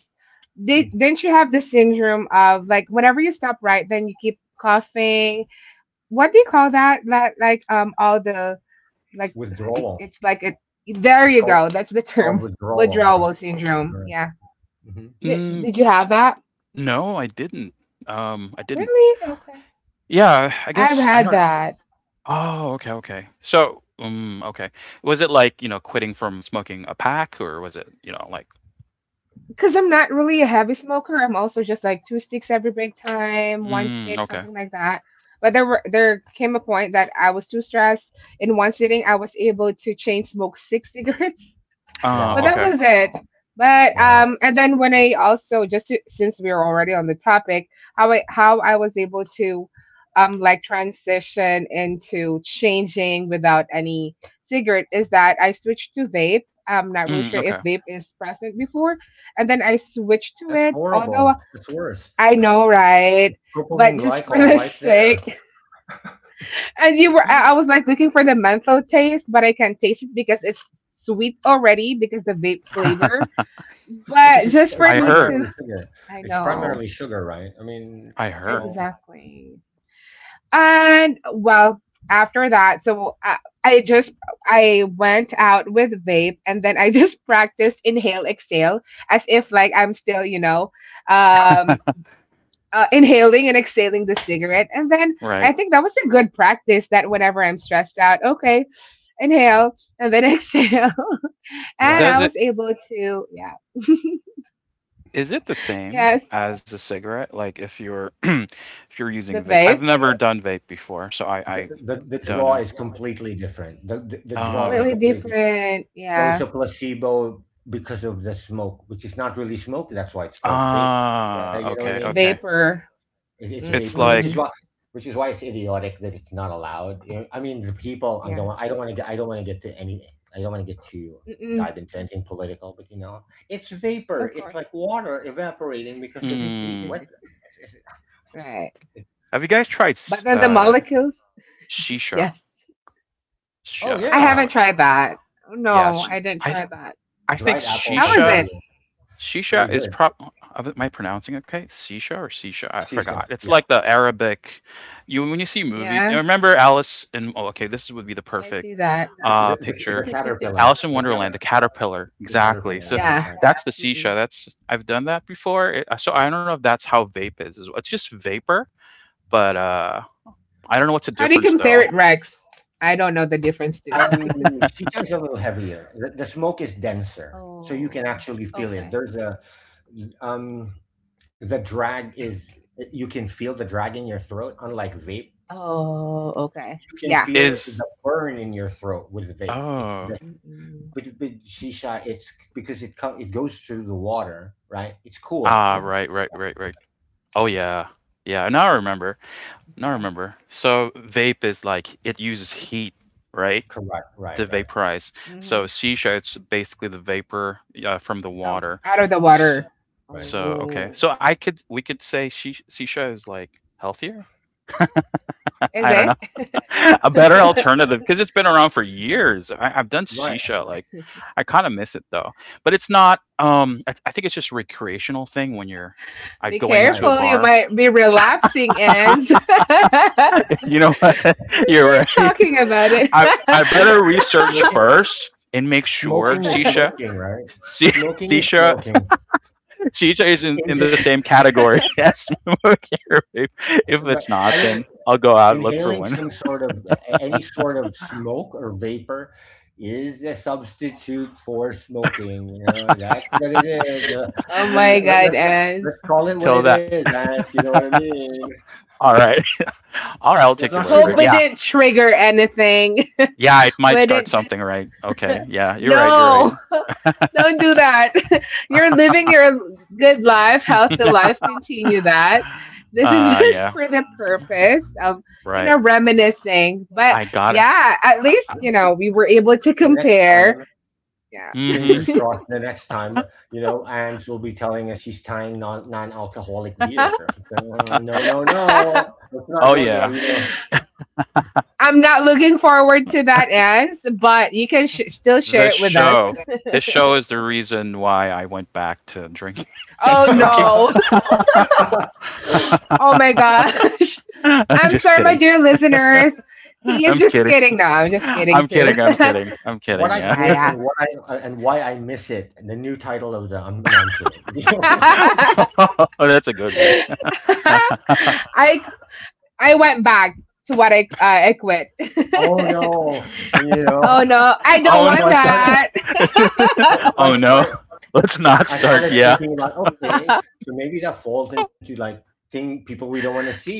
S1: did,
S2: mm,
S1: didn't you have the syndrome of like whenever you stop right, then you keep coughing? What do you call that? Like, all the like
S2: withdrawal.
S1: it's like it there
S2: It's
S1: you
S2: called
S1: go, that's the
S2: it's called
S1: term
S2: withdrawal. Right.
S1: withdrawal syndrome.
S2: Right.
S1: Yeah.
S2: hmm
S1: did,
S3: mm,
S1: did you
S3: t-
S1: have that?
S3: no, I didn't. I didn't.
S1: Really? Okay.
S3: Yeah, I
S1: I've
S3: guess I
S1: had
S3: don't know.
S1: that
S3: Oh, okay, okay. So, okay. Was it like, you know, quitting from smoking a pack, or was it, you know, like?
S1: because I'm not really a heavy smoker. I'm also just like two sticks every break time, one
S3: Mm,
S1: stick,
S3: okay.
S1: something like that. But there came a point that I was too stressed. In one sitting I was able to chain smoke six cigarettes, but that
S2: Wow.
S3: Okay.
S1: was it. But
S2: Wow.
S1: and then when I also just to, since we are already on the topic, how I was able to like transition into changing without any cigarette is that I switched to vape. I'm not really
S3: Mm,
S1: sure if
S3: okay.
S1: vape is present before, and then I switched to
S2: That's
S1: it.
S2: horrible.
S1: Although
S2: That's worse.
S1: I know, right?
S2: Propylene
S1: But just for
S2: glycol
S1: the
S2: right there.
S1: sake, and you were, I was like looking for the menthol taste, but I can't taste it because it's sweet already because the vape flavor,
S2: Because
S1: but
S2: it's
S1: just
S2: it's
S1: for
S3: I
S1: me
S3: heard.
S2: primarily
S1: to,
S2: sugar.
S1: I
S2: It's primarily
S1: know,
S2: sugar, right? I mean,
S3: I heard.
S2: so
S1: exactly. And well, after that, so I just I went out with vape and then I just practiced inhale exhale as if like I'm still um inhaling and exhaling the cigarette. And then I
S3: Right.
S1: think that was a good practice that whenever I'm stressed out, okay, inhale and then exhale, and
S3: Does
S1: I was
S2: right.
S3: it
S1: able to, yeah.
S3: is it the same
S1: Yes,
S3: as a cigarette? Like if you're if you're using
S1: the
S3: vape. I've
S1: vape,
S3: never done vape before, so
S2: The,
S3: I
S2: the the
S3: don't
S2: draw
S3: know.
S2: is completely different. The draw
S3: Oh,
S2: is
S1: completely
S3: really?
S2: completely.
S1: different.
S2: So it's
S1: Yeah.
S2: a placebo because of the smoke, which is not really smoke. That's why it's called vape, right?
S3: Ah,
S2: You know what I
S3: okay,
S1: It's
S2: mean?
S3: okay.
S1: vapor.
S2: It's
S3: It's
S2: vapor,
S3: like
S1: Mm-mm.
S2: which is why it's idiotic that it's not allowed. You know, I mean, the people. I don't.
S1: Yeah.
S2: I don't want to get. I don't want to get to any. I don't want to get to
S1: Mm-mm.
S2: dive into anything political, but you know, it's vapor.
S1: Of
S2: It's
S1: course.
S2: like water evaporating because of heat. What?
S3: mm,
S2: It's, it's,
S1: Right.
S2: it,
S3: have you guys tried
S1: But then the molecules?
S3: shisha?
S1: Yes.
S2: oh
S3: I
S2: yeah,
S1: I
S3: forgot
S1: haven't
S3: what.
S1: tried that. Oh,
S3: Yeah,
S1: no, I didn't
S3: I
S1: try
S3: th-
S1: that.
S3: I think
S2: dried apples
S1: How
S2: are
S1: is
S3: shisha
S2: pretty
S1: it?
S2: pretty
S3: Shisha is
S2: good.
S3: prob am I pronouncing it okay? Sisha or Sisha? I
S2: Seashell,
S3: forgot.
S2: yeah.
S3: It's like the Arabic. You when you see movie,
S1: Yeah.
S3: remember Alice in? Oh, okay, this would be the
S1: I
S3: perfect
S1: see that.
S2: The, the
S3: picture.
S2: caterpillar,
S3: Alice in Wonderland, the caterpillar.
S2: the
S3: Exactly.
S2: caterpillar,
S3: So
S2: right,
S1: Yeah.
S2: right.
S3: that's the Sisha.
S1: Mm-mm.
S3: That's I've done that before. It, so I don't know if that's how vape is. As well. It's just vapor, but I don't know what's the
S1: How do you
S3: difference
S1: compare
S3: though.
S1: it, Rex? I don't know the difference, too.
S2: Um, Shisha is a little heavier. The smoke is denser, so you can
S1: Oh,
S2: actually feel it.
S1: okay.
S2: There's a um, the drag is you can feel the drag in your throat. Unlike vape,
S1: Oh, okay.
S2: you can
S1: Yeah.
S2: feel
S3: Is
S2: the burn in your throat with vape. It's
S3: oh
S2: the
S1: Mm-mm.
S2: But shisha, it's because it co- it goes through the water, right? It's cool.
S3: ah
S2: It's
S1: Mm-mm.
S3: right right right right. Oh yeah yeah. Now I remember. No, I
S1: Okay.
S3: remember. So vape is like it uses heat, right,
S2: correct. Right.
S3: to
S2: Right.
S3: vaporize. So
S1: Mm-hmm.
S3: shisha, it's basically the vapor from the
S1: Oh,
S3: water.
S1: out of the
S3: So,
S1: water.
S2: Right.
S3: so okay.
S1: Oh.
S3: So I could we could say shisha is like healthier.
S1: Is
S3: I don't know.
S1: it?
S3: A better alternative because it's been around for years. I've done
S2: Right.
S3: shisha. Like I kind of miss it though. But it's not. I think it's just a recreational thing when you're. I
S1: Be
S3: going
S2: Right.
S3: into a
S1: careful, you
S3: bar,
S1: might be relapsing, and since we're
S3: you know,
S2: Oh.
S3: You're right.
S1: talking about it.
S3: I better research
S2: Smoking,
S3: first and make sure
S2: smoking is
S3: Shisha
S2: smoking, right?
S3: Si-
S2: Smoking is
S3: Shisha
S2: smoking.
S3: Shisha is in the
S2: Inhale,
S3: same category as Momoki Rape. If
S2: but
S3: it's not,
S2: I mean,
S3: then I'll go out look for
S2: inhaling
S3: one.
S2: some sort of any sort of smoke or vapor is a substitute for smoking. You know, that's what it is.
S1: Oh my
S2: Let's let, let,
S1: god,
S2: let-
S1: Ans.
S2: let's call it
S3: Till
S2: what it
S3: that.
S2: is, Ants. You know what I mean?
S3: All right. All right, I'll
S2: Let's
S3: take your
S2: not
S3: word for
S1: Hope
S3: it.
S1: it
S2: sugar.
S3: Yeah.
S1: didn't trigger anything.
S3: Yeah, it might
S1: Would not.
S3: start something right. Okay. Yeah, you're right, you're right.
S1: No. Don't do that. You're living your good life, healthy life. Continue that. This is just
S3: Yeah,
S1: for the purpose of,
S3: right.
S1: reminiscing. But
S3: I got it.
S1: yeah, at least, we were able to
S2: The next
S1: compare.
S2: time,
S1: Yeah.
S2: fingers
S3: Mhm.
S2: crossed. The next time, you know, Ants will be telling us she's tying non-alcoholic beer. No, no, no. Let's not
S3: Oh
S2: go there.
S3: yeah.
S2: You
S1: I'm not looking forward to that ends, but you can still share
S3: This
S1: it with us.
S3: show, this show is the reason why I went back to drinking and
S1: Oh
S3: smoking.
S2: know.
S1: no. Oh my gosh.
S3: I'm
S1: I'm
S3: just
S1: sorry, my
S3: kidding.
S1: dear listeners. He
S3: I'm
S1: is
S3: just
S1: just
S3: kidding.
S1: kidding. No, I'm just kidding too. Yeah,
S3: I'm
S2: What
S3: kidding.
S2: I
S3: Yeah.
S2: quit,
S1: yeah.
S2: and what I, and why I miss it, and the new title of the I'm no, I'm kidding. You know?
S3: oh, that's a good one. oh
S1: I I went back to what I, I quit.
S2: Oh no, you know.
S1: Oh no, I don't
S3: no.
S2: So
S1: want
S2: I started.
S1: that.
S2: So, so I
S3: oh no.
S2: started.
S3: Let's not
S2: I
S3: start.
S2: started
S3: Yeah.
S2: thinking about, okay, so maybe that falls into, like, thing people we don't want to see,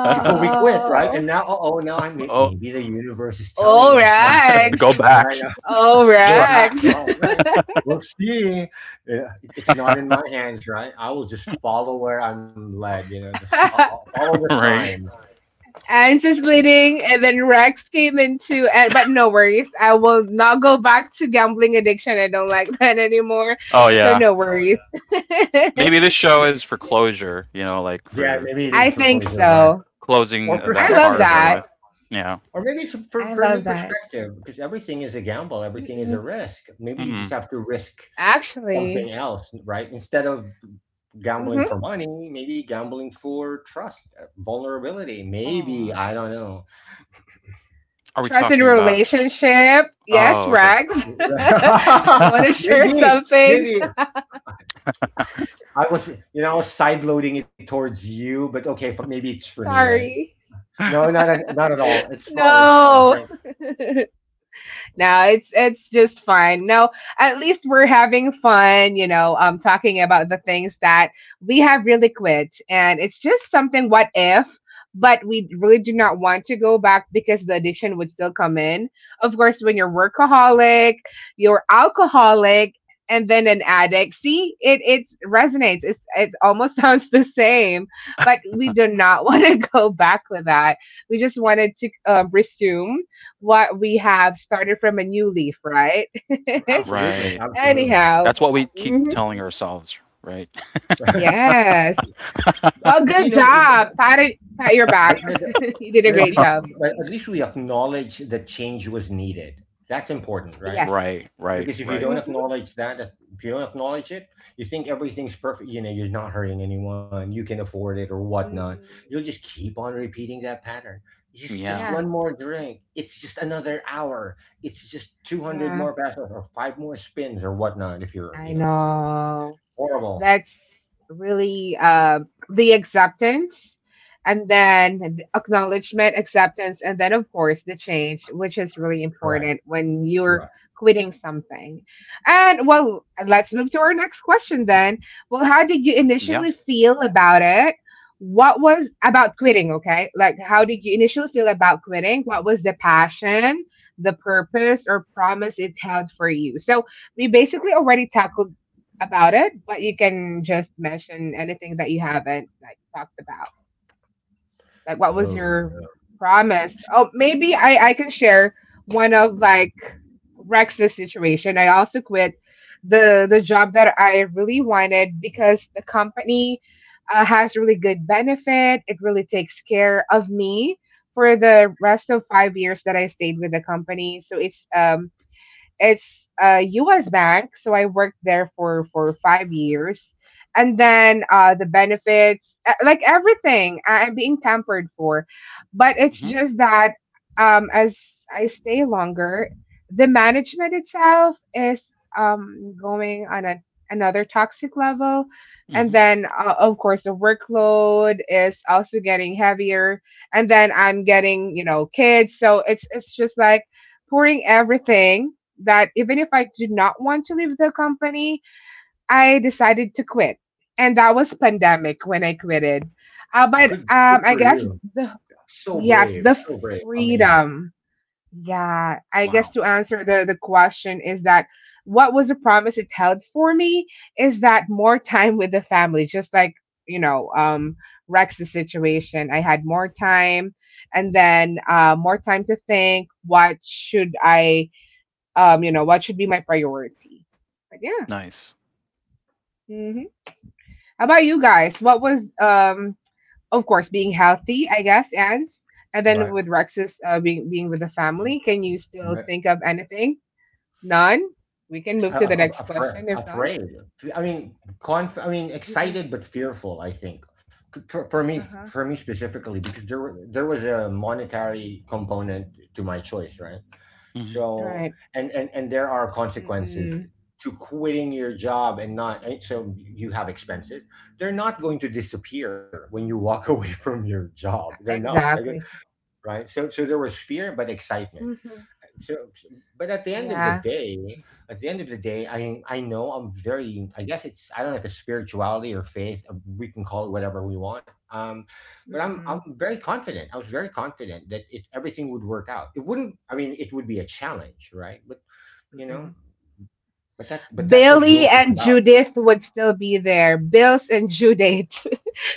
S2: people we quit, right? And now, oh, now
S3: oh,
S2: maybe the universe is telling
S1: oh
S2: us something,
S1: Rex,
S3: go
S2: right?
S3: back.
S1: oh
S2: Go
S3: Try.
S2: back.
S1: Rex.
S2: Well, right. We'll see. Yeah, it's not in my hands, right? I will just follow where I'm led. You know, I'll follow the
S3: right.
S2: signs.
S1: And just leading, and then Rex came into. And, but no worries, I will not go back to gambling addiction. I don't like that anymore,
S3: Oh
S1: so
S3: yeah.
S1: no worries.
S3: Maybe this show is for closure. You know, like
S2: Yeah,
S3: for
S2: maybe it is
S1: I
S2: for
S1: think
S2: closure, right?
S1: so.
S3: closing
S2: Or
S1: I
S3: that
S1: love
S3: part
S2: perspective.
S3: of her
S1: that.
S3: life. Yeah.
S2: Or maybe it's for,
S1: I
S2: for a new
S1: love that.
S2: perspective, because everything is a gamble, everything is a
S1: Mm-mm.
S2: risk. Maybe you just
S3: Mm-mm.
S2: have to risk something
S1: Actually,
S2: else, right? Instead of gambling
S1: hmm.
S2: for money, maybe gambling for trust, vulnerability. Maybe, I don't
S1: Aw.
S2: know.
S3: Are we
S1: Trust in
S3: talking about?
S1: relationship. Yes,
S3: Oh, okay.
S1: Rex. Do you want to share
S2: maybe,
S1: something?
S2: maybe I was, you know, I was sideloading it towards you, but okay, but maybe it's for me, right?
S1: Sorry.
S2: No, not at all. It's fun. It's fun.
S1: No. No, it's just fun. No, at least we're having fun, talking about the things that we have really quit. And it's just something what if, but we really do not want to go back because the addiction would still come in. Of course, when you're workaholic, you're alcoholic and then an addict. See, it resonates. It almost sounds the same, but we do not want to go back with that. We just wanted to resume what we have started from a new leaf, right?
S2: Absolutely.
S3: right.
S2: Absolutely.
S1: Anyhow,
S3: That's what we keep
S1: hmm
S3: telling ourselves, right?
S1: yes.
S2: But
S1: Well,
S2: you know,
S1: good job.
S2: but,
S1: Pat your back. You did a
S2: but at
S1: great
S2: least
S1: job.
S2: at least we acknowledge that change was needed. That's important, right?
S1: Yes.
S2: Because if you
S3: Right.
S2: don't
S1: Mm-hmm.
S2: acknowledge that, if you don't acknowledge it, you think everything's perfect. You know, you're not hurting anyone, you can afford it, or whatnot. You'll just keep on repeating that pattern. Just
S3: Yeah.
S1: Yeah.
S2: one more drink. It's just another hour. It's just 200
S1: Yeah.
S2: more passes, or five more spins, or whatnot. If you're,
S1: I
S2: you know,
S1: know.
S2: horrible.
S1: That's really, the acceptance and then the acknowledgement, acceptance, and then, of course, the change, which is really
S2: Correct.
S1: important when you're
S2: Correct.
S1: quitting something. And well, let's move to our next question then. Well, how did you
S3: Yeah.
S1: initially feel about it? What was about quitting? Okay. Like, how did you initially feel about quitting? What was the passion, the purpose or promise it held for you? So we basically already tackled about it, but you can just mention anything that you haven't like talked about. Like what was
S2: Oh,
S1: your
S2: yeah.
S1: promise? Oh, maybe I can share one of like Rex's situation. I also quit the job that I really wanted because the company, has really good benefit. It really takes care of me for the rest of 5 years that I stayed with the company. So it's a U.S. bank, so I worked there for 5 years, and then, the benefits, like everything, I'm being pampered for, but it's
S3: Mm-hmm.
S1: just that, as I stay longer, the management itself is, going on another toxic level. And
S3: Mm-hmm.
S1: then, of course, the workload is also getting heavier. And then I'm getting, kids. So it's just like pouring everything that even if I did not want to leave the company, I decided to quit. And that was pandemic when I quitted. But
S2: Good. Good
S1: I
S2: for
S1: guess
S2: you.
S1: the yes, the
S2: So brave, amazing,
S1: freedom. Yeah, I guess
S3: Wow.
S1: to answer the question is that what was the promise it held for me is that more time with the family, just like, you know, um, Rex's situation. I had more time and then, more time to think what should I you know, what should be my priority? But yeah.
S3: Nice.
S1: hmm How about you guys? What was, of course, being healthy, I guess, and then
S2: right?
S1: with Rex's, being with the
S3: Mhm.
S1: family. Can you still
S2: Right.
S1: think of anything? None. We can move to the next question if none.
S2: Afraid. I mean, conf. I mean,
S1: Mm-mm.
S2: excited but fearful. I think
S1: Uh huh.
S2: for me specifically, because there was a monetary component to my choice, right?
S3: Mhm.
S2: So
S1: Right.
S2: and there are consequences
S1: Mm-mm.
S2: to quitting your job and not. And so you have expenses. They're not going to disappear when you walk away from your job. They're not.
S1: Exactly.
S2: Right? So there was fear, but excitement.
S1: Mm-hmm.
S2: So, so- but at the end of the
S1: Yeah.
S2: day, I know I'm very. I guess it's I don't know if it's spirituality or faith. We can call it whatever we want. But I'm
S1: Mm-mm.
S2: very confident. I was very confident that it everything would work out. It wouldn't. I mean, it would be a challenge, right? But, you know,
S1: Mm-mm.
S2: but that's what
S1: Billy
S2: growth is
S1: and
S2: about.
S1: Judith would still be there. Bills and Judith.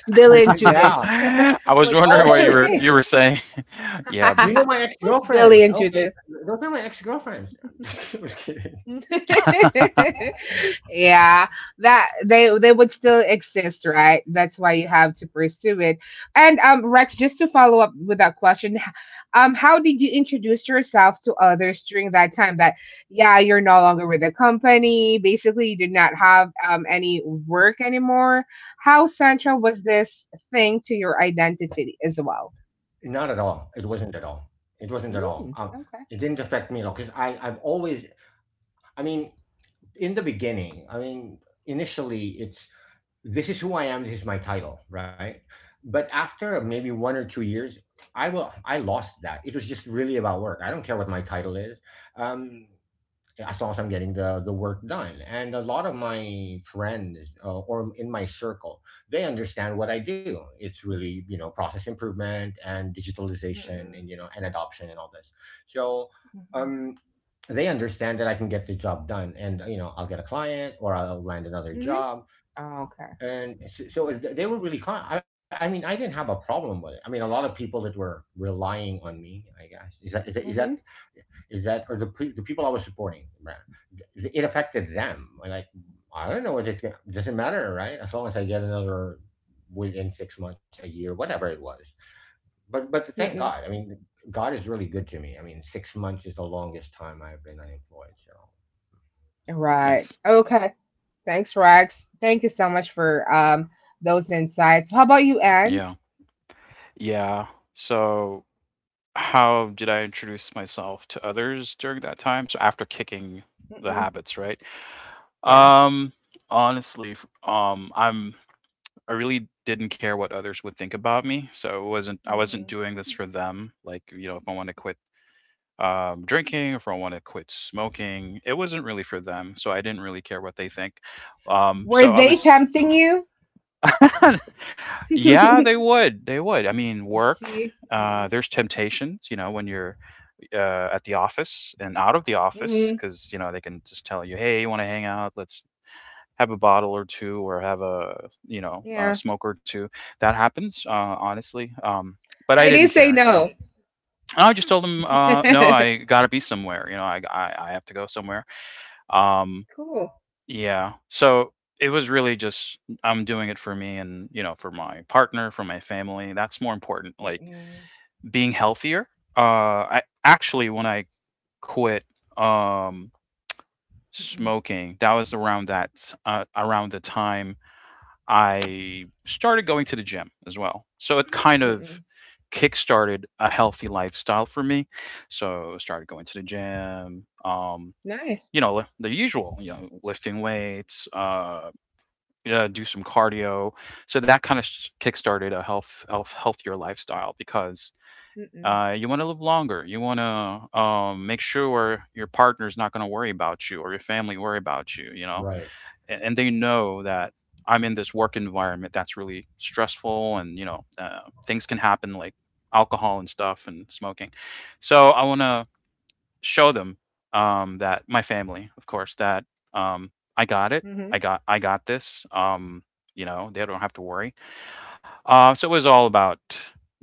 S1: Bill and
S2: Yeah.
S1: Judith
S3: I was
S1: would
S3: wondering
S1: still
S3: what
S2: Oh, yeah.
S3: you
S1: remain.
S3: were saying. yeah.
S2: You know my ex
S1: Who's Billy
S2: girlfriends.
S1: and
S2: Okay,
S1: Judith?
S2: those are my ex girlfriends. I'm just kidding.
S1: Yeah, that they would still exist, right? That's why you have to pursue it. And, Rex, just to follow up with that question, how did you introduce yourself to others during that time? That. Yeah, you're no longer with the company. Basically, you did not have any work anymore. How central was this thing to your identity as well?
S2: Not at all. It wasn't at all. It wasn't at all.
S1: Mm, okay.
S2: It didn't affect me at all, because I've always. I mean, in the beginning, I mean, initially, it's this is who I am. This is my title, right? But after maybe 1 or 2 years, I lost that. It was just really about work. I don't care what my title is. Um, as long as I'm getting the work done. And a lot of my friends, or in my circle, they understand what I do. It's really, you know, process improvement and digitalization,
S1: Mm-mm,
S2: and you know, and adoption, and all this. So,
S1: mm-mm.
S2: um, they understand that I can get the job done, and you know I'll get a client or I'll land another job.
S1: Hmm.
S2: And they were really kind. I mean, I didn't have a problem with it. I mean, a lot of people that were relying on me, I guess,
S1: Mm-hmm.
S2: is that, or the people I was supporting, right? It affected them. Like, I don't know what it doesn't matter, right? As long as I get another within 6 months, a year, whatever it was. But thank God.
S1: Mm-mm.
S2: I mean, God is really good to me. I mean, 6 months is the longest time I've been unemployed. So
S1: Right.
S3: nice.
S1: Okay. Thanks, Rex. Thank you so much for, those insights. How about you, Ans?
S3: Yeah. Yeah. So How did I introduce myself to others during that time? So after kicking the
S1: Mm-mm.
S3: habits, right?
S1: Yeah.
S3: Um, honestly, I really didn't care what others would think about me, so it wasn't I wasn't
S1: Mm-hmm.
S3: doing this for them. Like, you know, if I want to quit drinking, if I want to quit smoking, it wasn't really for them. So I didn't really care what they think.
S1: Were
S3: So I
S1: they
S3: was
S1: tempting you?
S3: yeah,
S1: Let's
S3: they would. They would. I mean, work.
S1: see. Mm-mm.
S3: There's temptations, you know, when you're at the office and out of the
S1: Mm-hmm.
S3: office because you know they can just tell you, hey, you want to hang out? Let's have a bottle or two, or have a, you know, a
S1: Yeah.
S3: smoke or two. That happens, honestly. But I
S1: I
S3: didn't
S1: did say
S3: care, you know.
S1: no.
S3: And I just told them, no, I gotta be somewhere. You know, I have to go somewhere. Um,
S1: Cool.
S3: yeah. So it was really just I'm doing it for me and, you know, for my partner, for my family. That's more important. Like
S1: Mm-mm.
S3: being healthier. Uh, I actually when I quit, um,
S1: Mm-mm.
S3: smoking. That was around that around the time I started going to the gym as well. So it kind of
S1: Mm-mm.
S3: kickstarted a healthy lifestyle for me. So I started going to the gym.
S1: Nice.
S3: You know, the usual, you know, lifting weights, yeah, do some cardio. So that kind of kickstarted a healthier lifestyle because
S1: Mm-mm.
S3: you want to live longer. You want to make sure your partner's not going to worry about you or your family worry about you. You know,
S2: right,
S3: and they know that I'm in this work environment that's really stressful, and you know things can happen like alcohol and stuff and smoking. So I want to show them that my family, of course, that um, I got it.
S1: Mm-hmm.
S3: I got this. You know they don't have to worry. So it was all about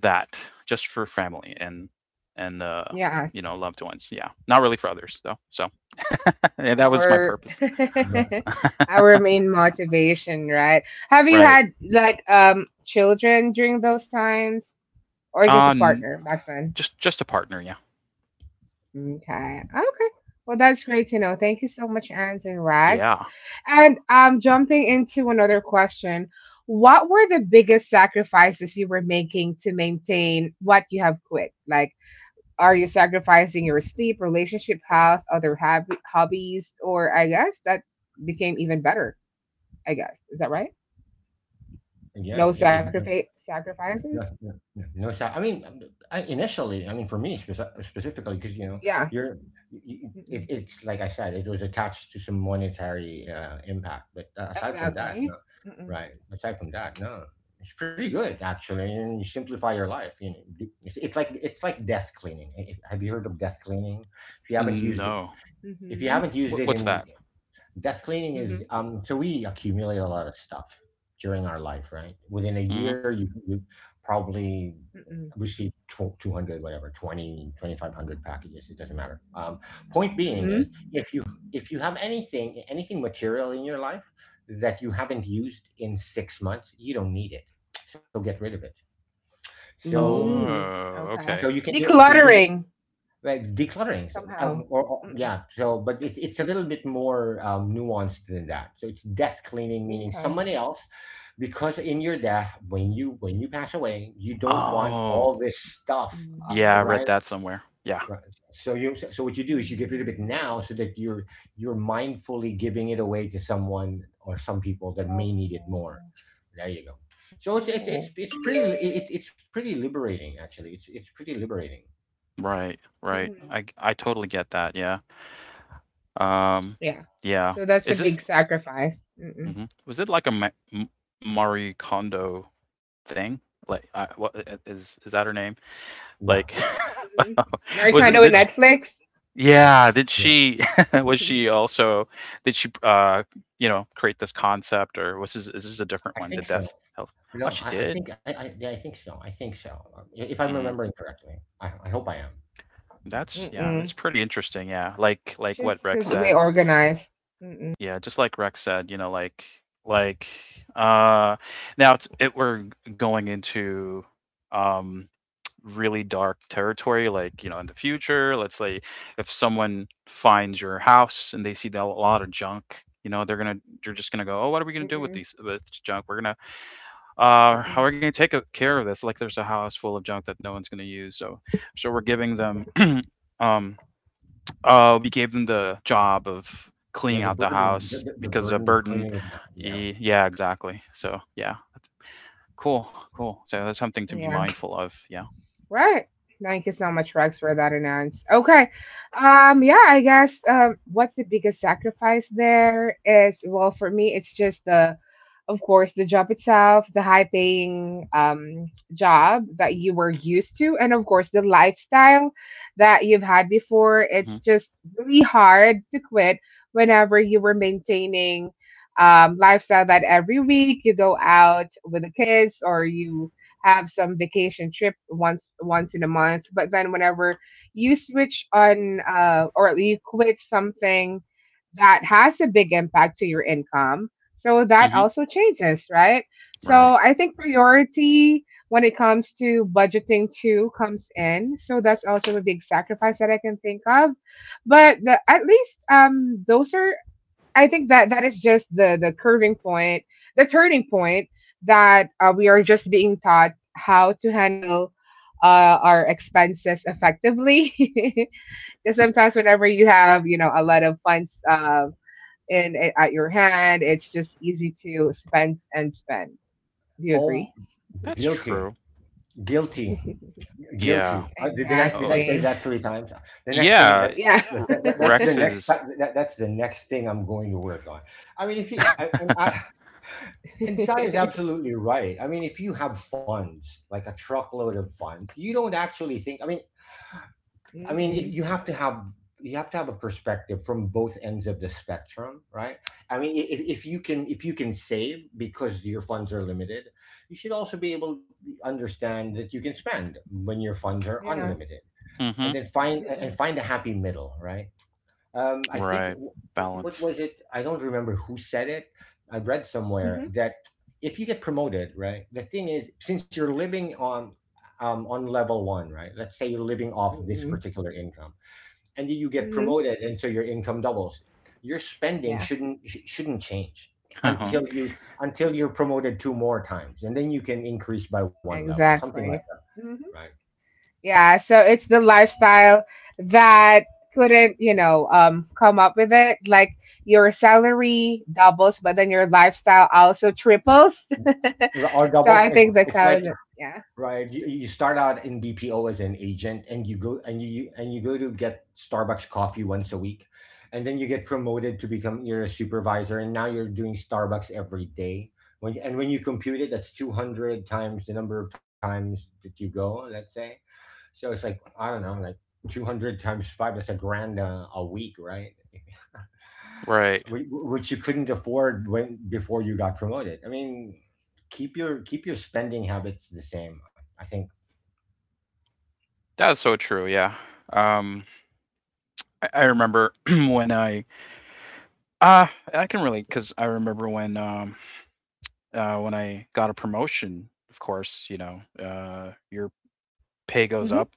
S3: that, just for family and you
S1: Yes.
S3: know loved ones. Yeah, not really for others though. So yeah, that was my
S1: Our
S3: purpose.
S2: right,
S1: our main motivation, right? Have you
S3: Right.
S1: had like children during those times, or just a
S3: Uh,
S1: partner back then?
S3: Just a partner, yeah.
S1: Okay, okay. Well, that's great to know. Thank you so much, Ans and Rags.
S3: Yeah.
S1: And, jumping into another question, what were the biggest sacrifices you were making to maintain what you have quit? Like, are you sacrificing your sleep, relationship, health, other hobbies, or I guess that became even better? I guess is that right?
S2: yeah,
S1: No
S2: it,
S1: sacrifice sacrifices.
S2: yeah, yeah, yeah. No, so I mean, I initially, I mean, for me specifically, because you know,
S1: Yeah.
S2: you're, y- y-
S1: Mm-mm.
S2: it, it's like I said, it was attached to some monetary, impact, but aside from that,
S1: Exactly.
S2: no,
S1: Mm-mm.
S2: right? Aside from that, no, it's pretty good, actually, and you simplify your life. You know, it's like death cleaning. Have you heard of death cleaning? If you haven't used it,
S3: No.
S2: if you haven't
S1: Mm-hmm.
S2: used
S3: What
S2: it
S3: what's
S2: in
S3: that?
S2: death cleaning
S1: Mm-hmm.
S2: is, so we accumulate a lot of stuff during our life, right? Within a
S3: Hmm
S2: year, you probably receive 200, whatever, twenty, 2500 packages, it doesn't matter, point being is,
S1: Mm-mm.
S2: if you have anything material in your life that you haven't used in 6 months, you don't need it, so get rid of it. So
S1: Mm-hmm. Mm.
S3: Oh,
S1: Okay.
S2: so
S3: okay.
S2: you can do so you can
S1: Decluttering
S2: Right, decluttering. So,
S1: somehow.
S2: or
S1: Mm-mm.
S2: yeah, so, but it's a little bit more, nuanced than that. So it's death cleaning, meaning
S1: Okay.
S2: somebody else, because in your death, when you pass away, you don't want
S3: Oh,
S2: all this stuff,
S3: yeah, I
S1: Mm,
S3: read
S2: right?
S3: that somewhere. Yeah.
S2: Right. So what you do is you get rid of it
S1: mm,
S2: now, so that you're mindfully giving it away to someone, or some people that may need it more.
S1: okay.
S2: There you go. So it's it's it's,
S1: Oh.
S2: it's pretty, it's pretty liberating, actually. It's pretty liberating.
S3: Right, right.
S1: Mm.
S3: I totally get that. Yeah. Um,
S1: Yeah.
S3: yeah.
S1: So that's a
S3: Is this
S1: big sacrifice. Mm-mm.
S3: hmm was it like a Marie Kondo thing? Like, I, what is that her name?
S2: Yeah,
S3: Like,
S1: Mhm.
S2: I
S3: was it?
S1: Americano
S2: think
S1: with
S3: Did
S2: so.
S3: she,
S1: Netflix?
S2: Mm,
S3: Yeah, did
S2: yeah,
S3: she was she also did she, you know, create this concept or was this is this a different
S2: I
S3: one, the
S2: think so.
S3: death health Oh,
S2: No,
S3: she
S2: I
S3: did?
S2: think I yeah, I think so. I think so. If I'm
S3: Mm,
S2: remembering correctly, I hope I am.
S3: that's yeah, that's
S1: Mm-mm.
S3: pretty interesting, yeah, like
S1: She's
S3: what Rex
S1: because we
S3: said.
S1: organized. Mm-mm.
S3: Yeah, just like Rex said, you know, like, uh now it's it we're going into, um really dark territory like you know in the future let's say if someone finds your house and they see the, a lot of junk you know they're gonna they're just gonna go oh what are we gonna do with
S1: Mm-mm.
S3: these with this junk we're gonna how
S1: Mm-mm.
S3: are we gonna care of this like there's a house full of junk that no one's gonna use so we're giving them
S1: Yeah.
S3: um we gave them the job of
S2: Yeah,
S3: cleaning
S2: the
S3: out the
S2: burden, the,
S3: house
S2: the the
S3: because a
S2: burden of
S3: burden
S2: cleaning it up. Yeah.
S3: yeah exactly so yeah cool cool so that's something to be
S1: Yeah.
S3: mindful of yeah
S1: Right. Thank you so much, Rex, for that announce. Okay. Yeah, I guess what's the biggest sacrifice there is. Well, for me it's just the of course, the job itself, the high paying, job that you were used to, and of course, the lifestyle that you've had before.
S3: hmm
S1: It's just really hard to quit whenever you were maintaining, lifestyle that every week you go out with the kids or you have some vacation trip once in a month. But then whenever you switch on, or you quit something that has a big impact to your income, so that
S3: hmm
S1: also changes, right? So
S3: right
S1: I think priority when it comes to budgeting too comes in. So that's also a big sacrifice that I can think of. But at least, those are, I think that that is just the curving point, the turning point that, we are just being taught how to handle, our expenses effectively. Because sometimes whenever you have, a lot of funds, at your hand. It's just easy to spend and spend. Do you
S2: Oh,
S1: agree?
S3: That's
S2: guilty,
S3: true.
S2: guilty, guilty.
S3: Yeah.
S2: Did I
S3: Oh,
S2: say
S1: Exactly.
S2: that three times? The next thing that.
S3: yeah.
S1: Yeah.
S2: That,
S3: R-
S2: that, that's the
S3: Rex
S1: Hmm.
S2: next.
S3: is.
S2: That's the next thing I'm going to work on. I mean, if you I, and Sai is absolutely right. I mean, if you have funds, like a truckload of funds, you don't actually think. I mean, if you have to have a perspective from both ends of the spectrum, right? I mean, if you can save because your funds are limited, you should also be able to understand that you can spend when your funds are
S1: Yeah.
S2: unlimited, and then
S3: hmm
S2: find and
S1: Mm-mm.
S2: find a happy middle, right? I think
S3: Right.
S1: Mm-mm.
S2: what
S3: Balance.
S2: was it? I don't remember who said it. I read somewhere
S1: Mm-hmm.
S2: that if you get promoted, right? The thing is, since you're living on, on level one, right? Let's say you're living off this
S1: Mm-mm.
S2: particular income, and then you get
S1: Mm-hmm.
S2: promoted until your income doubles. Your spending
S1: Yeah.
S2: shouldn't shouldn't change
S3: Uh-huh.
S2: until
S1: Hmm.
S2: you until you're promoted two more times, and then you can increase by one level, something like
S1: Exactly.
S2: that,
S1: Hmm.
S2: right?
S1: Yeah. So it's the lifestyle that couldn't, you know, come up with it. Like your salary doubles, but then your lifestyle also triples.
S2: Or
S1: So
S2: double.
S1: I think that's
S2: It's
S1: how it.
S2: like
S1: Yeah.
S2: right. You start out in BPO as an agent, and you go and you go to get Starbucks coffee once a week, and then you get promoted to become you're a supervisor, and now you're doing Starbucks every day. When you compute it, that's 200 times the number of times that you go. Let's say. So it's like I don't know, like 200 times five. That's a grand a week, right?
S3: Right.
S2: Wh- Which you couldn't afford when before you got promoted. I mean, keep your spending habits the same. I think.
S3: That's so true. Yeah. Um, I remember when I ah I can relate because I remember when I got a promotion. Of course, you know, your pay goes up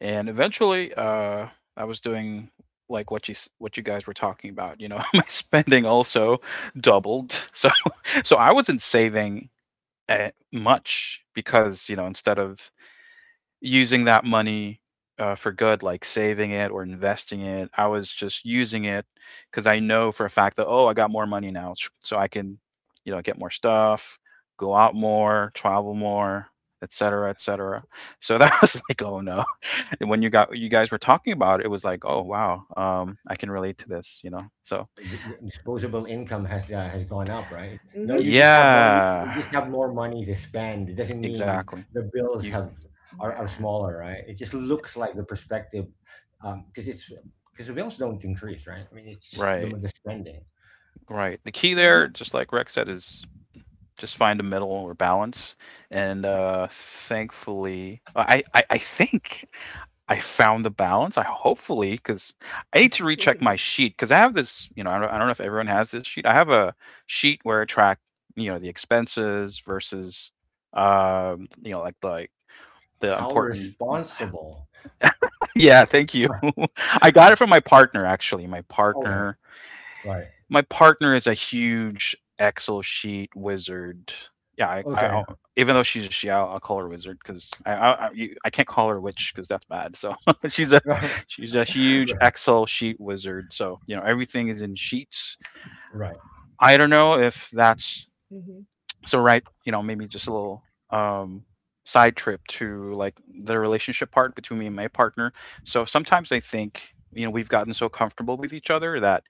S3: And eventually, I was doing like what you what you guys were talking about. You know, my spending also doubled. So I wasn't saving much because you know instead of using that money, for good, like saving it or investing it, I was just using it because I know for a fact that, oh, I got more money now, so I can, you know, get more stuff, go out more, travel more, etc., cetera, etc. Cetera. So that was like, oh no, when you guys were talking about it, it was like, oh wow, I can relate to this. So
S2: The disposable income has gone up, right? No,
S1: Mhm.
S2: you just have more,
S3: yeah,
S2: you just have more money to spend. It doesn't mean
S3: exactly.
S2: the bills
S3: You
S2: have are
S1: Yeah.
S2: smaller, right? It just looks like the perspective, because it's because the bills don't increase, right? I mean, it's just
S3: right,
S2: the spending.
S3: right. The key there,
S1: Mhm.
S3: just like Rex said, is just find a middle or balance. And thankfully, I think I found the balance. I hopefully because I need to recheck my sheet because I have this. You know, I don't know if everyone has this sheet. I have a sheet where I track, you know, the expenses versus you know, like the
S2: How
S3: important.
S2: responsible?
S3: yeah, thank you. I got it from my partner, actually. My
S2: Okay,
S3: partner,
S2: right.
S3: my partner is a huge Excel sheet wizard. Yeah,
S2: Okay.
S3: even though she's a she, I'll call her wizard because I can't call her witch because that's bad. So she's a she's a huge
S2: Right,
S3: Excel sheet wizard. So you know everything is in sheets.
S2: right,
S3: I don't know if that's.
S1: Mhm.
S3: So right, you know, maybe just a little side trip to like the relationship part between me and my partner. So sometimes I think, you know, we've gotten so comfortable with each other that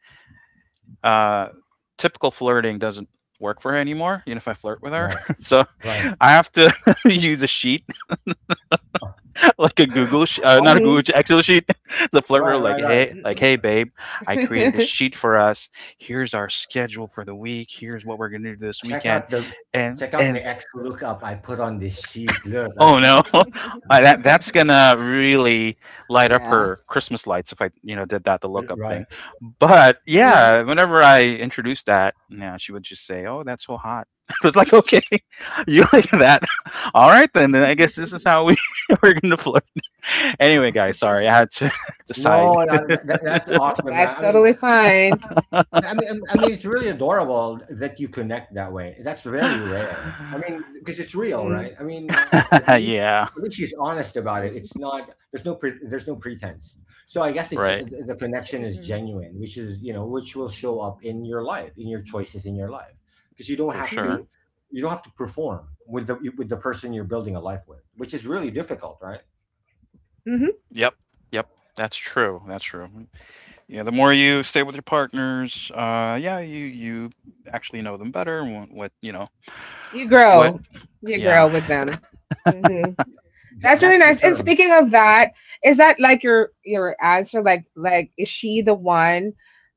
S3: uh typical flirting doesn't work for her anymore, you know, if I flirt with her.
S2: right.
S3: so
S2: Right.
S3: I have to use a sheet, like a
S2: Oh,
S3: not a Google
S1: Mhm.
S3: sheet, Excel sheet, the flirt
S2: right,
S3: rule,
S2: right, right.
S3: like, hey, babe, I created a
S1: Mhm.
S3: sheet for us. Here's our schedule for the week. Here's what we're gonna do this
S2: Check out
S3: weekend,
S2: the
S3: and
S2: Check out the
S3: and
S2: X lookup I put on this sheet. Look,
S3: oh no, I, that's gonna really light up
S1: yeah.
S3: her Christmas lights if I, you know, did that the lookup
S2: right.
S3: thing. But
S1: Mhm.
S3: yeah, whenever I introduced that, yeah, she would just say, "Oh, that's so hot." I was like, "Okay, you like that? All right, then. Then I guess this is how we we're gonna flirt." Anyway, guys, sorry, I had to decide.
S2: No, that's awesome, man.
S1: That's
S2: I mean,
S1: totally fine.
S2: I mean, it's really adorable that you connect that way. That's very rare. I mean, because it's real,
S1: Mm-mm.
S2: right? I mean, at
S3: yeah,
S2: least she's honest about it. It's not there's no pretense. So I guess
S3: right,
S2: the connection is
S1: Mm-mm.
S2: genuine, which is you know which will show up in your life, in your choices in your life, because
S3: for sure.
S1: Mhm.
S2: you don't have to perform with the person you're building a life with, which is really difficult, right?
S1: Mhm.
S3: Yep, yep, that's true. That's true. Yeah, the more you stay with your partners, yeah, you actually know them better. And what you know,
S1: You
S3: what?
S1: grow. You grow
S3: Yeah,
S1: with them. Hmm. That's
S2: That's
S1: really
S2: the
S1: nice. And
S2: term.
S1: speaking of that, is that like your answer? Like is she the one,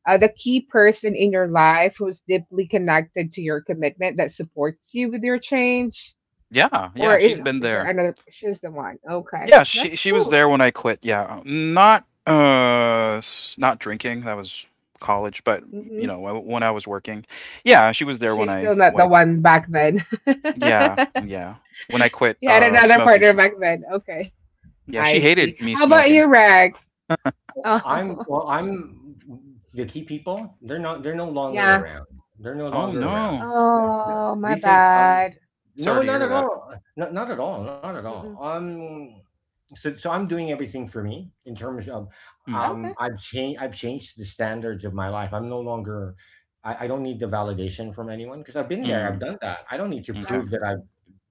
S1: the key person in your life who's deeply connected to your commitment that supports you with your change?
S3: yeah, yeah.
S1: Or is
S3: She's been
S1: is there
S3: there.
S1: another? She's the one. Okay,
S3: Yeah, she
S1: that's
S3: she was
S1: cool.
S3: there when I quit. Yeah, not not drinking. That was college, but you
S1: Hmm.
S3: know, when I was working, yeah, she was there when
S1: She's
S3: I
S1: still not the
S3: like,
S1: one back then.
S3: yeah, yeah, when I quit
S1: You had another
S3: smoking.
S1: partner
S3: She,
S1: back then. Okay,
S3: yeah,
S1: I
S3: she
S1: see.
S3: hated me
S1: How about
S3: smoking.
S1: you, Rex?
S2: I'm
S1: Oh,
S2: well, I'm the key people. They're not. They're no longer
S1: yeah.
S2: around. They're no
S3: Oh
S2: longer around.
S3: no,
S2: Th- th-
S1: Oh, my
S2: These are.
S1: bad.
S3: sorry
S2: No,
S3: to
S2: not
S3: hear
S2: at
S3: that.
S2: all. Not not at all. Not at all.
S1: Mm-mm.
S2: So so I'm doing everything for me in terms of
S3: Mm,
S2: um.
S1: Okay,
S2: I've changed. I've changed the standards of my life. I'm no longer. I don't need the validation from anyone because I've been there.
S3: mm,
S2: I've done that. I don't need to
S3: okay,
S1: that's
S2: prove that
S1: cool.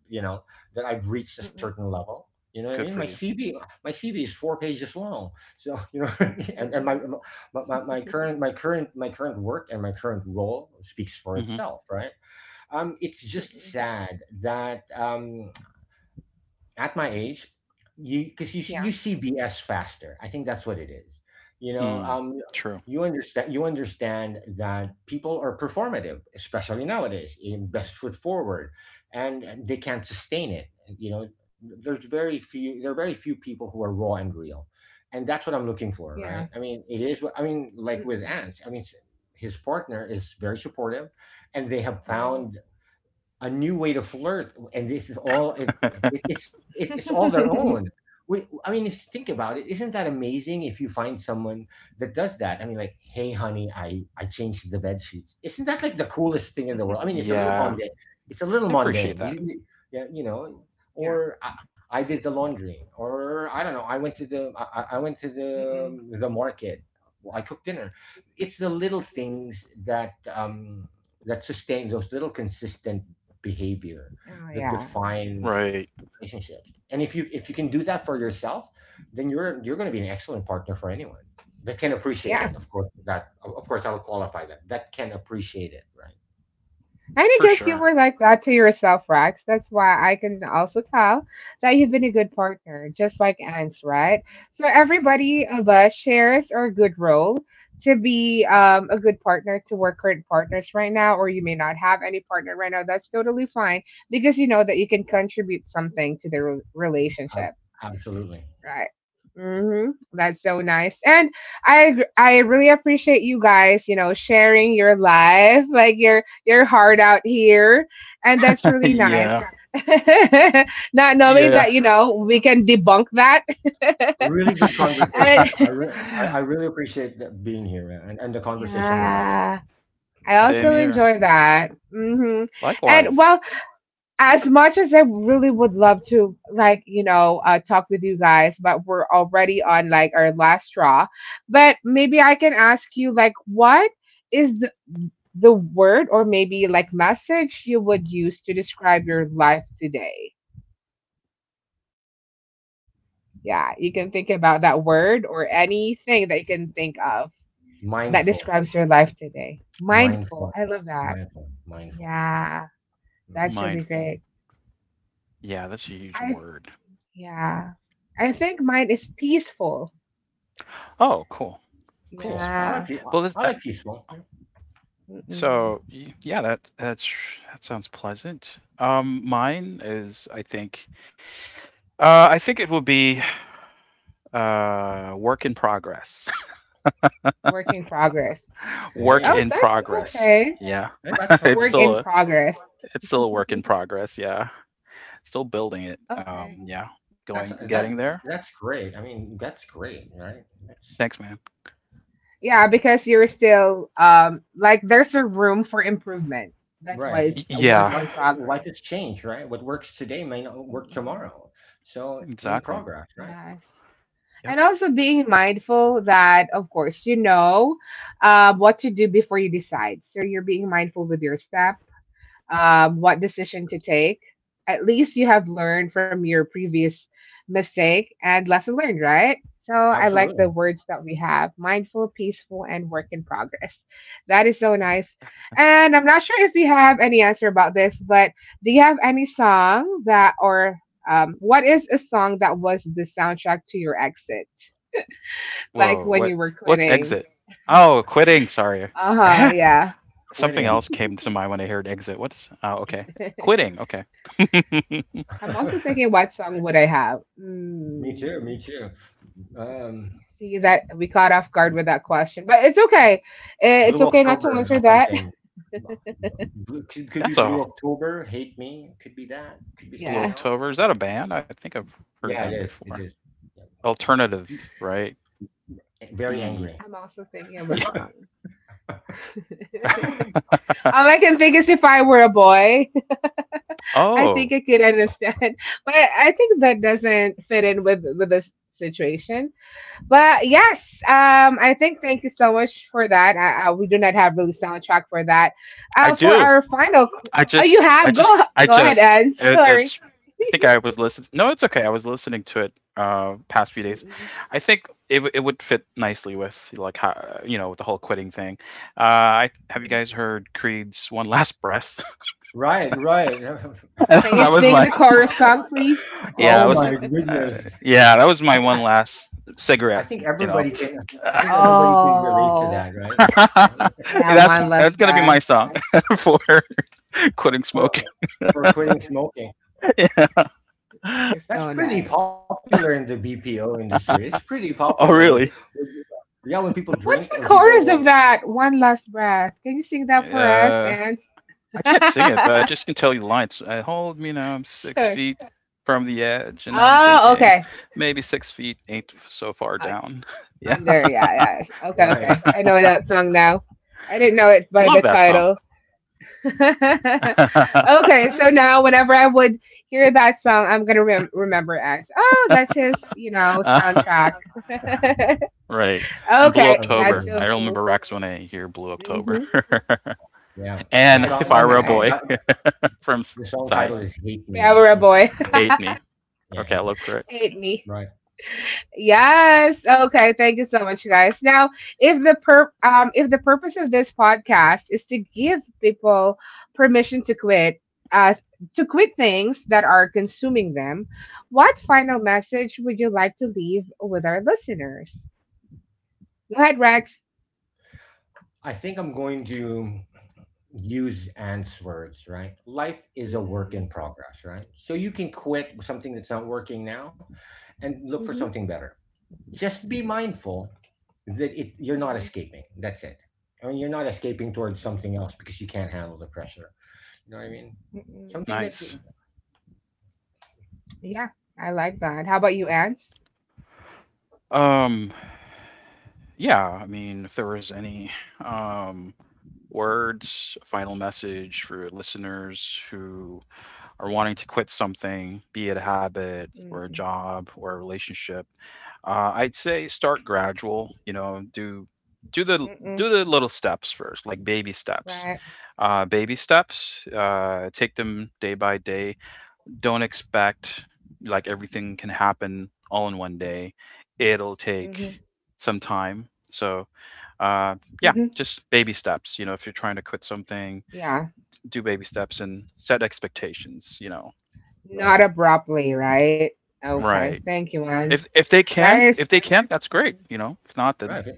S2: you know I've reached a certain
S1: Mm-mm.
S2: level. You know what I
S3: good
S2: mean?
S3: for you.
S2: My CV is 4 pages long. So you know, and, and my,
S1: Mm-mm.
S2: my current my current work and my current role speaks for
S3: Hmm.
S2: itself, right? It's just
S1: Mm-mm.
S2: sad that at my age, you because you
S1: Yeah.
S2: see BS faster. I think that's what it is. You know,
S3: Mm, true.
S2: you understand that people are performative, especially nowadays, in best foot forward, and they can't sustain it. You know, there are very few people who are raw and real, and that's what I'm looking for, right?
S1: Yeah.
S2: I mean, it is. I mean, like with
S1: Mm-mm.
S2: Ant, I mean. His partner is very supportive, and they have
S1: Right.
S2: found a new way to flirt, and this is all it's all their own. I mean, think about it. Isn't that amazing? If you find someone that does that, I mean, like, hey, honey, I changed the bed sheets. Isn't that like the coolest thing in the world? I mean, it's a little
S3: Yeah,
S2: mundane. It's a
S3: I
S2: little
S3: appreciate
S2: mundane.
S3: that.
S2: Yeah, you know.
S1: yeah.
S2: Or I did the laundry, or I don't know. I, I went to
S1: Mm-mm.
S2: the market. I cooked dinner. It's the little things that that sustain those little consistent behavior
S1: Oh,
S2: that
S1: yeah.
S2: define
S3: Right,
S2: relationships. And if you can do that for yourself, then you're going to be an excellent partner for anyone that can appreciate
S1: Yeah.
S2: it. Of course, that of course I'll qualify that that can appreciate it, right?
S1: And I
S3: for
S1: guess you
S3: sure.
S1: were like that to yourself, Rex. That's why I can also tell that you've been a good partner, just like Anne's, right? So everybody of us shares our good role to be a good partner to our current partners right now, or you may not have any partner right now. That's totally fine because you know that you can contribute something to the re-
S2: Ab-
S1: relationship.
S2: Absolutely.
S1: Right. Mm-hmm. That's so nice. And I agr- I really appreciate you guys, you know, sharing your life, like your heart out here. And that's really nice.
S3: yeah,
S1: Not knowing
S3: yeah.
S1: that, you know, we can debunk that.
S2: Really good
S1: And
S2: conversation. I really appreciate that being here and the conversation we're having.
S1: yeah, I
S3: Same
S1: also
S2: Excellent.
S3: here.
S1: enjoy that. Mm-hmm. And
S3: Likewise,
S1: well, as much as I really would love to, like, you know, talk with you guys, but we're already on like our last straw. But maybe I can ask you, like, what is the word or maybe like message you would use to describe your life today? Yeah, you can think about that word or anything that you can think of that
S2: Mindful,
S1: describes your life today. Mindful.
S2: mindful,
S1: I love that.
S2: mindful.
S1: Yeah,
S2: Right.
S1: that's really
S3: mindful.
S1: great.
S3: Yeah, that's a huge
S1: I,
S3: word.
S1: yeah, I think mine is peaceful.
S3: Oh, cool.
S2: Cool.
S3: Peaceful.
S1: Yeah.
S3: Well, this,
S2: I like peaceful.
S1: Mm-mm.
S3: so yeah, that's that sounds pleasant. Mine is, I think it will be work in progress.
S1: Work in progress.
S3: work
S1: Oh,
S2: Hey,
S3: in
S1: that's
S3: progress.
S1: okay.
S3: Yeah,
S2: hey, that's
S3: it's
S2: fine.
S1: Work in
S3: still a.
S1: progress.
S3: It's still a work in progress, yeah. Still building it.
S1: Okay.
S3: Yeah,
S2: That's uh, that
S3: getting there.
S2: that's great. I mean, that's great, right? That's
S3: Thanks, man.
S1: Yeah, because you're still like there's a room for improvement. That's why
S2: right.
S1: it's a
S2: Because
S1: work
S3: Yeah,
S1: in
S2: life
S1: progress.
S2: has changed, right? What works today may not work
S1: Mm-mm.
S2: tomorrow. So in
S3: exactly.
S2: progress, right?
S1: Yes.
S3: Yep.
S1: And also being mindful that, of course, you know what to do before you decide. So you're being mindful with your steps, what decision to take. At least you have learned from your previous mistake and lesson learned, right? So I like the
S2: Absolutely.
S1: words that we have: mindful, peaceful, and work in progress. That is so nice. And I'm not sure if you have any answer about this, but do you have any song that, or what is a song that was the soundtrack to your exit? Like
S3: Whoa.
S1: when
S3: What?
S1: you were
S3: What's
S1: quitting?
S3: exit? Oh, quitting. Sorry.
S1: Uh huh, yeah.
S3: Something
S2: Quitting.
S3: else came to mind when I heard exit. What's? Oh, okay. Quitting. Okay.
S1: I'm also thinking, what song would I have?
S2: me too. Me
S1: Mm,
S2: too. Um,
S1: see that we caught off guard with that question, but it's okay. Eh,
S2: Blue
S1: it's okay not to
S2: October or
S1: answer that.
S2: something. B- Blue, could be
S3: That's
S2: Blue
S3: a
S2: October. Hate me. Could be that. Could be
S3: Blue
S2: something
S1: Yeah,
S2: else.
S3: October. Is
S2: Yeah.
S3: that a band? I think I've
S2: Yeah. It
S3: heard
S2: is.
S3: that
S2: It is.
S3: before.
S2: Yeah. Yeah.
S3: Alternative, right?
S2: Very
S3: Mm.
S2: angry.
S1: I'm also thinking of a
S3: Yeah.
S1: song. All I can think is if I were a boy, I think
S3: oh,
S1: I could understand. But I think that doesn't fit in with this situation. But yes, I think thank you so much for that. We do not have really soundtrack for that.
S3: I
S1: For
S3: do.
S1: our final, qu- oh, you have, go
S3: I
S1: go ahead,
S3: just,
S1: Anne.
S3: it,
S1: Sorry.
S3: it's. I think I was listening. No, it's okay. I was listening to it past few days. I think it would fit nicely with like how, you know, with the whole quitting thing. I have you guys heard Creed's "One Last Breath"?
S2: Right, right.
S1: Can you
S3: that was
S1: sing
S3: my
S1: the chorus song, please?
S3: yeah. I
S2: Oh
S3: was
S2: my
S3: uh,
S2: goodness.
S3: yeah. That was my
S2: I,
S3: one
S2: I,
S3: last
S2: I
S3: cigarette.
S2: think
S3: You know,
S2: everybody can I think everybody can relate to
S1: Oh,
S2: that, right?
S1: yeah, one
S3: that's
S1: last
S3: gonna be my
S1: breath.
S3: song for quitting
S2: For
S3: smoking.
S2: for quitting smoking.
S3: Yeah.
S1: That is
S2: That's
S1: so
S2: pretty
S1: nice.
S2: popular in the BPO industry. It's pretty popular
S3: Oh really?
S2: with yeah, when people drink and
S1: What's the chorus
S2: people
S1: of that? One last breath. Can you sing that for us?
S3: Uh.
S1: And
S3: I can't sing it, but I just can tell you the lines. I hold me now, I'm six
S1: sure.
S3: feet from the edge, and I'm
S1: Oh,
S3: thinking
S1: okay.
S3: maybe 6 feet ain't so far
S1: I-
S3: down. yeah,
S1: Under, yeah, yeah, yeah. Okay, okay.
S2: right.
S1: I know that song now. I didn't know it by the
S3: love that song.
S1: title. Okay, so now whenever I would hear that song, I'm gonna rem- remember it as, oh, that's his, you know,
S3: Uh,
S1: soundtrack.
S3: right. And Blue
S1: Okay, that's
S3: October.
S1: so
S3: I
S2: Amazing.
S3: remember
S1: cool.
S3: Rex when I hear Blue October.
S1: Hmm.
S2: Yeah.
S3: and
S2: The
S1: That's
S3: if
S2: song
S1: so
S3: I were a
S2: the song
S1: nice.
S3: boy
S2: ti-
S3: from
S2: the song
S3: Psy,
S2: title is Hate Me.
S1: Barbara
S2: It,
S1: boy,
S2: yeah,
S3: hate me.
S2: yeah,
S3: Okay, I'll
S2: Hate
S3: look
S2: Me.
S3: for it.
S1: hate me.
S2: Right.
S1: Yes. Okay. Thank you so much, you guys. Now, if the per if the purpose of this podcast is to give people permission uh, to quit things that are consuming them, what final message would you like to leave with our listeners? Go ahead, Rex.
S2: I think I'm going to use answers, right? Life is a work
S1: Mm-mm.
S2: in progress, right? So you can quit something that's not working now and look for
S1: Mm-hmm.
S2: something better. Just be mindful that it you're not
S1: Mm-hmm.
S2: escaping. That's it. I mean, you're not escaping towards
S1: Mm-mm.
S2: something else because you can't handle the pressure. You know what I mean?
S1: Mm-mm.
S2: Something that
S3: Nice.
S1: Yeah, I like that. How about you, Ants?
S3: Um, yeah. I mean, if there was any, um, words, a final message for listeners who are wanting to quit something, be it a habit or a
S1: Mm-mm.
S3: job or a relationship? I'd say start gradual. You know, do the
S1: Mm-mm.
S3: do the little steps first, like baby steps.
S1: Right.
S3: Baby steps. Take them day by day, don't expect like everything can happen all in one day. It'll
S1: Mm-hmm.
S3: take some time. So, uh, yeah,
S1: Hmm.
S3: just baby steps. You know, if you're trying to quit something,
S1: Yeah,
S3: do baby steps and set expectations. You know,
S1: not
S2: right,
S1: abruptly, right?
S2: right,
S3: right?
S1: Okay, thank you,
S3: If
S1: Lance. That
S3: if
S1: is,
S3: they can, that's great. You know, if not, then
S2: right.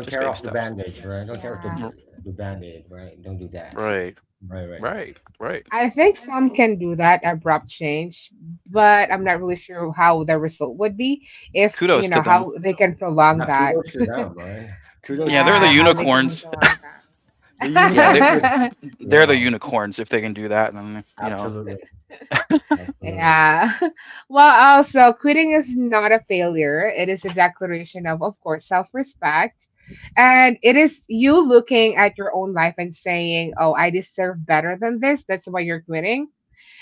S2: Don't
S3: baby
S2: tear off the
S3: steps.
S2: bandage, right? Don't tear off
S1: yeah.
S3: R-
S2: the band-aid, right? Don't do that.
S3: Right,
S2: right, right.
S3: right, right.
S1: I think some can do that abrupt change, but I'm not really sure how the result would be if,
S3: Kudos
S1: you
S3: to
S1: know,
S3: them.
S1: how they can prolong
S2: Yeah,
S1: that.
S2: kudos to them, right?
S3: Yeah,
S2: Kudos
S3: they're
S2: to
S3: the
S1: Yeah, how
S2: them.
S1: they can
S3: unicorns.
S1: prolong
S2: The
S3: Yeah,
S2: unicorns with
S1: that.
S3: they're the
S2: yeah.
S3: unicorns if they can do that. Then you know,
S2: Absolutely, absolutely.
S1: yeah. Well, also, quitting is not a failure. It is a declaration of course, self respect. And it is you looking at your own life and saying, "Oh, I deserve better than this." That's why you're quitting.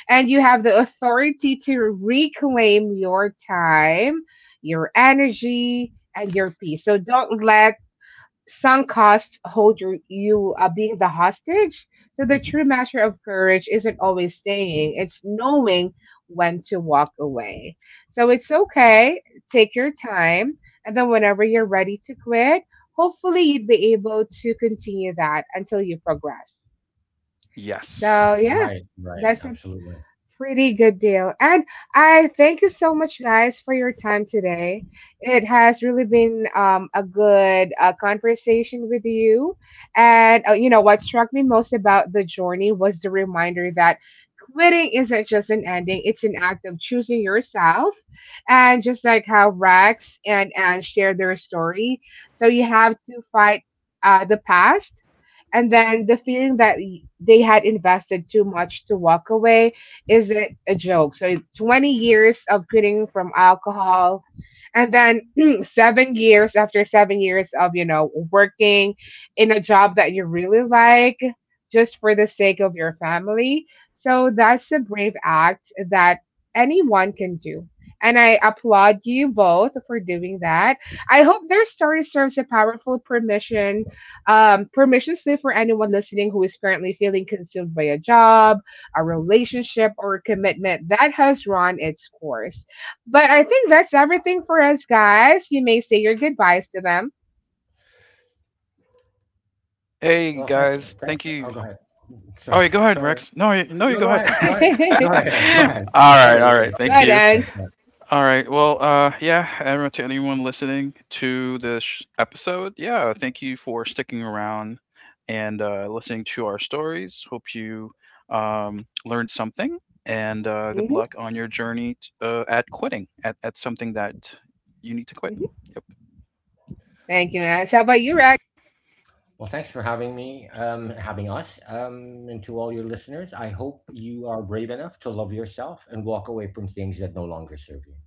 S1: And you have the authority to reclaim your time, your energy, and your peace. So don't let some costs hold you being the hostage. So the
S3: mhm.
S1: true measure of courage isn't always staying, it's knowing when to walk away. So it's okay, take your time, and then whenever you're ready to quit, hopefully you'd be able to continue that until you progress.
S3: Yes.
S1: So yeah,
S2: Right, right,
S1: that's it.
S2: absolutely.
S1: Pretty good deal. And I thank you so much, guys, for your time today. It has really been a good conversation with you. And, you know, what struck me most about the journey was the reminder that quitting isn't just an ending, it's an act of choosing yourself. And just like how Rex and Anne share their story, so you have to fight the past and then the feeling that they had invested too much to walk away isn't a joke. So 20 years of quitting from alcohol and then 7 years after 7 years of, you know, working in a job that you really like just for the sake of your family. So that's a brave act that anyone can do. And I applaud you both for doing that. I hope their story serves a powerful permission, permission slip for anyone listening who is currently feeling consumed by a job, a relationship, or a commitment that has run its course. But I think that's everything for us, guys. You may say your goodbyes to them.
S3: Hey
S2: Well, thank
S3: guys,
S2: Thanks
S3: thank
S2: for
S3: you.
S2: oh, go ahead.
S3: Oh, yeah,
S2: Sorry,
S3: go ahead,
S2: sorry.
S3: Rex. No, no, you
S2: No,
S3: go
S2: go ahead,
S3: ahead.
S1: Go
S2: go ahead. Go ahead, go ahead.
S3: all right,
S2: Sorry.
S3: all right. Thank
S2: Yes,
S1: ahead,
S3: you.
S2: yes,
S1: Ans.
S2: yes.
S3: All right. Well, yeah, everyone, to anyone listening to this episode, yeah, thank you for sticking around and listening to our stories. Hope you learned something, and good
S1: Hmm.
S3: luck on your journey at quitting at something that you need to quit.
S1: Hmm.
S3: Yep.
S1: Thank you, Ans. How about you, Rex?
S2: Well, thanks for having me, having us, and to all your listeners. I hope you are brave enough to love yourself and walk away from things that no longer serve you.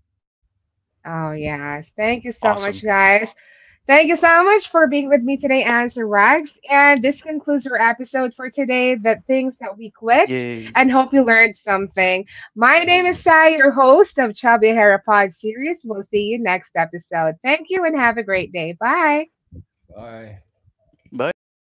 S1: Oh, yes. Thank you so much,
S3: Awesome.
S1: guys. Thank you so much for being with me today, Ans and Rex. And this concludes our episode for today, The Things That We Clicked,
S3: Yay.
S1: and hope you learned something. My name is
S2: Yahoo.
S1: Sai, your host of Chubby Hair Pod series. We'll see you next episode. Thank you and have a great day. Bye.
S2: Bye.
S3: Bye.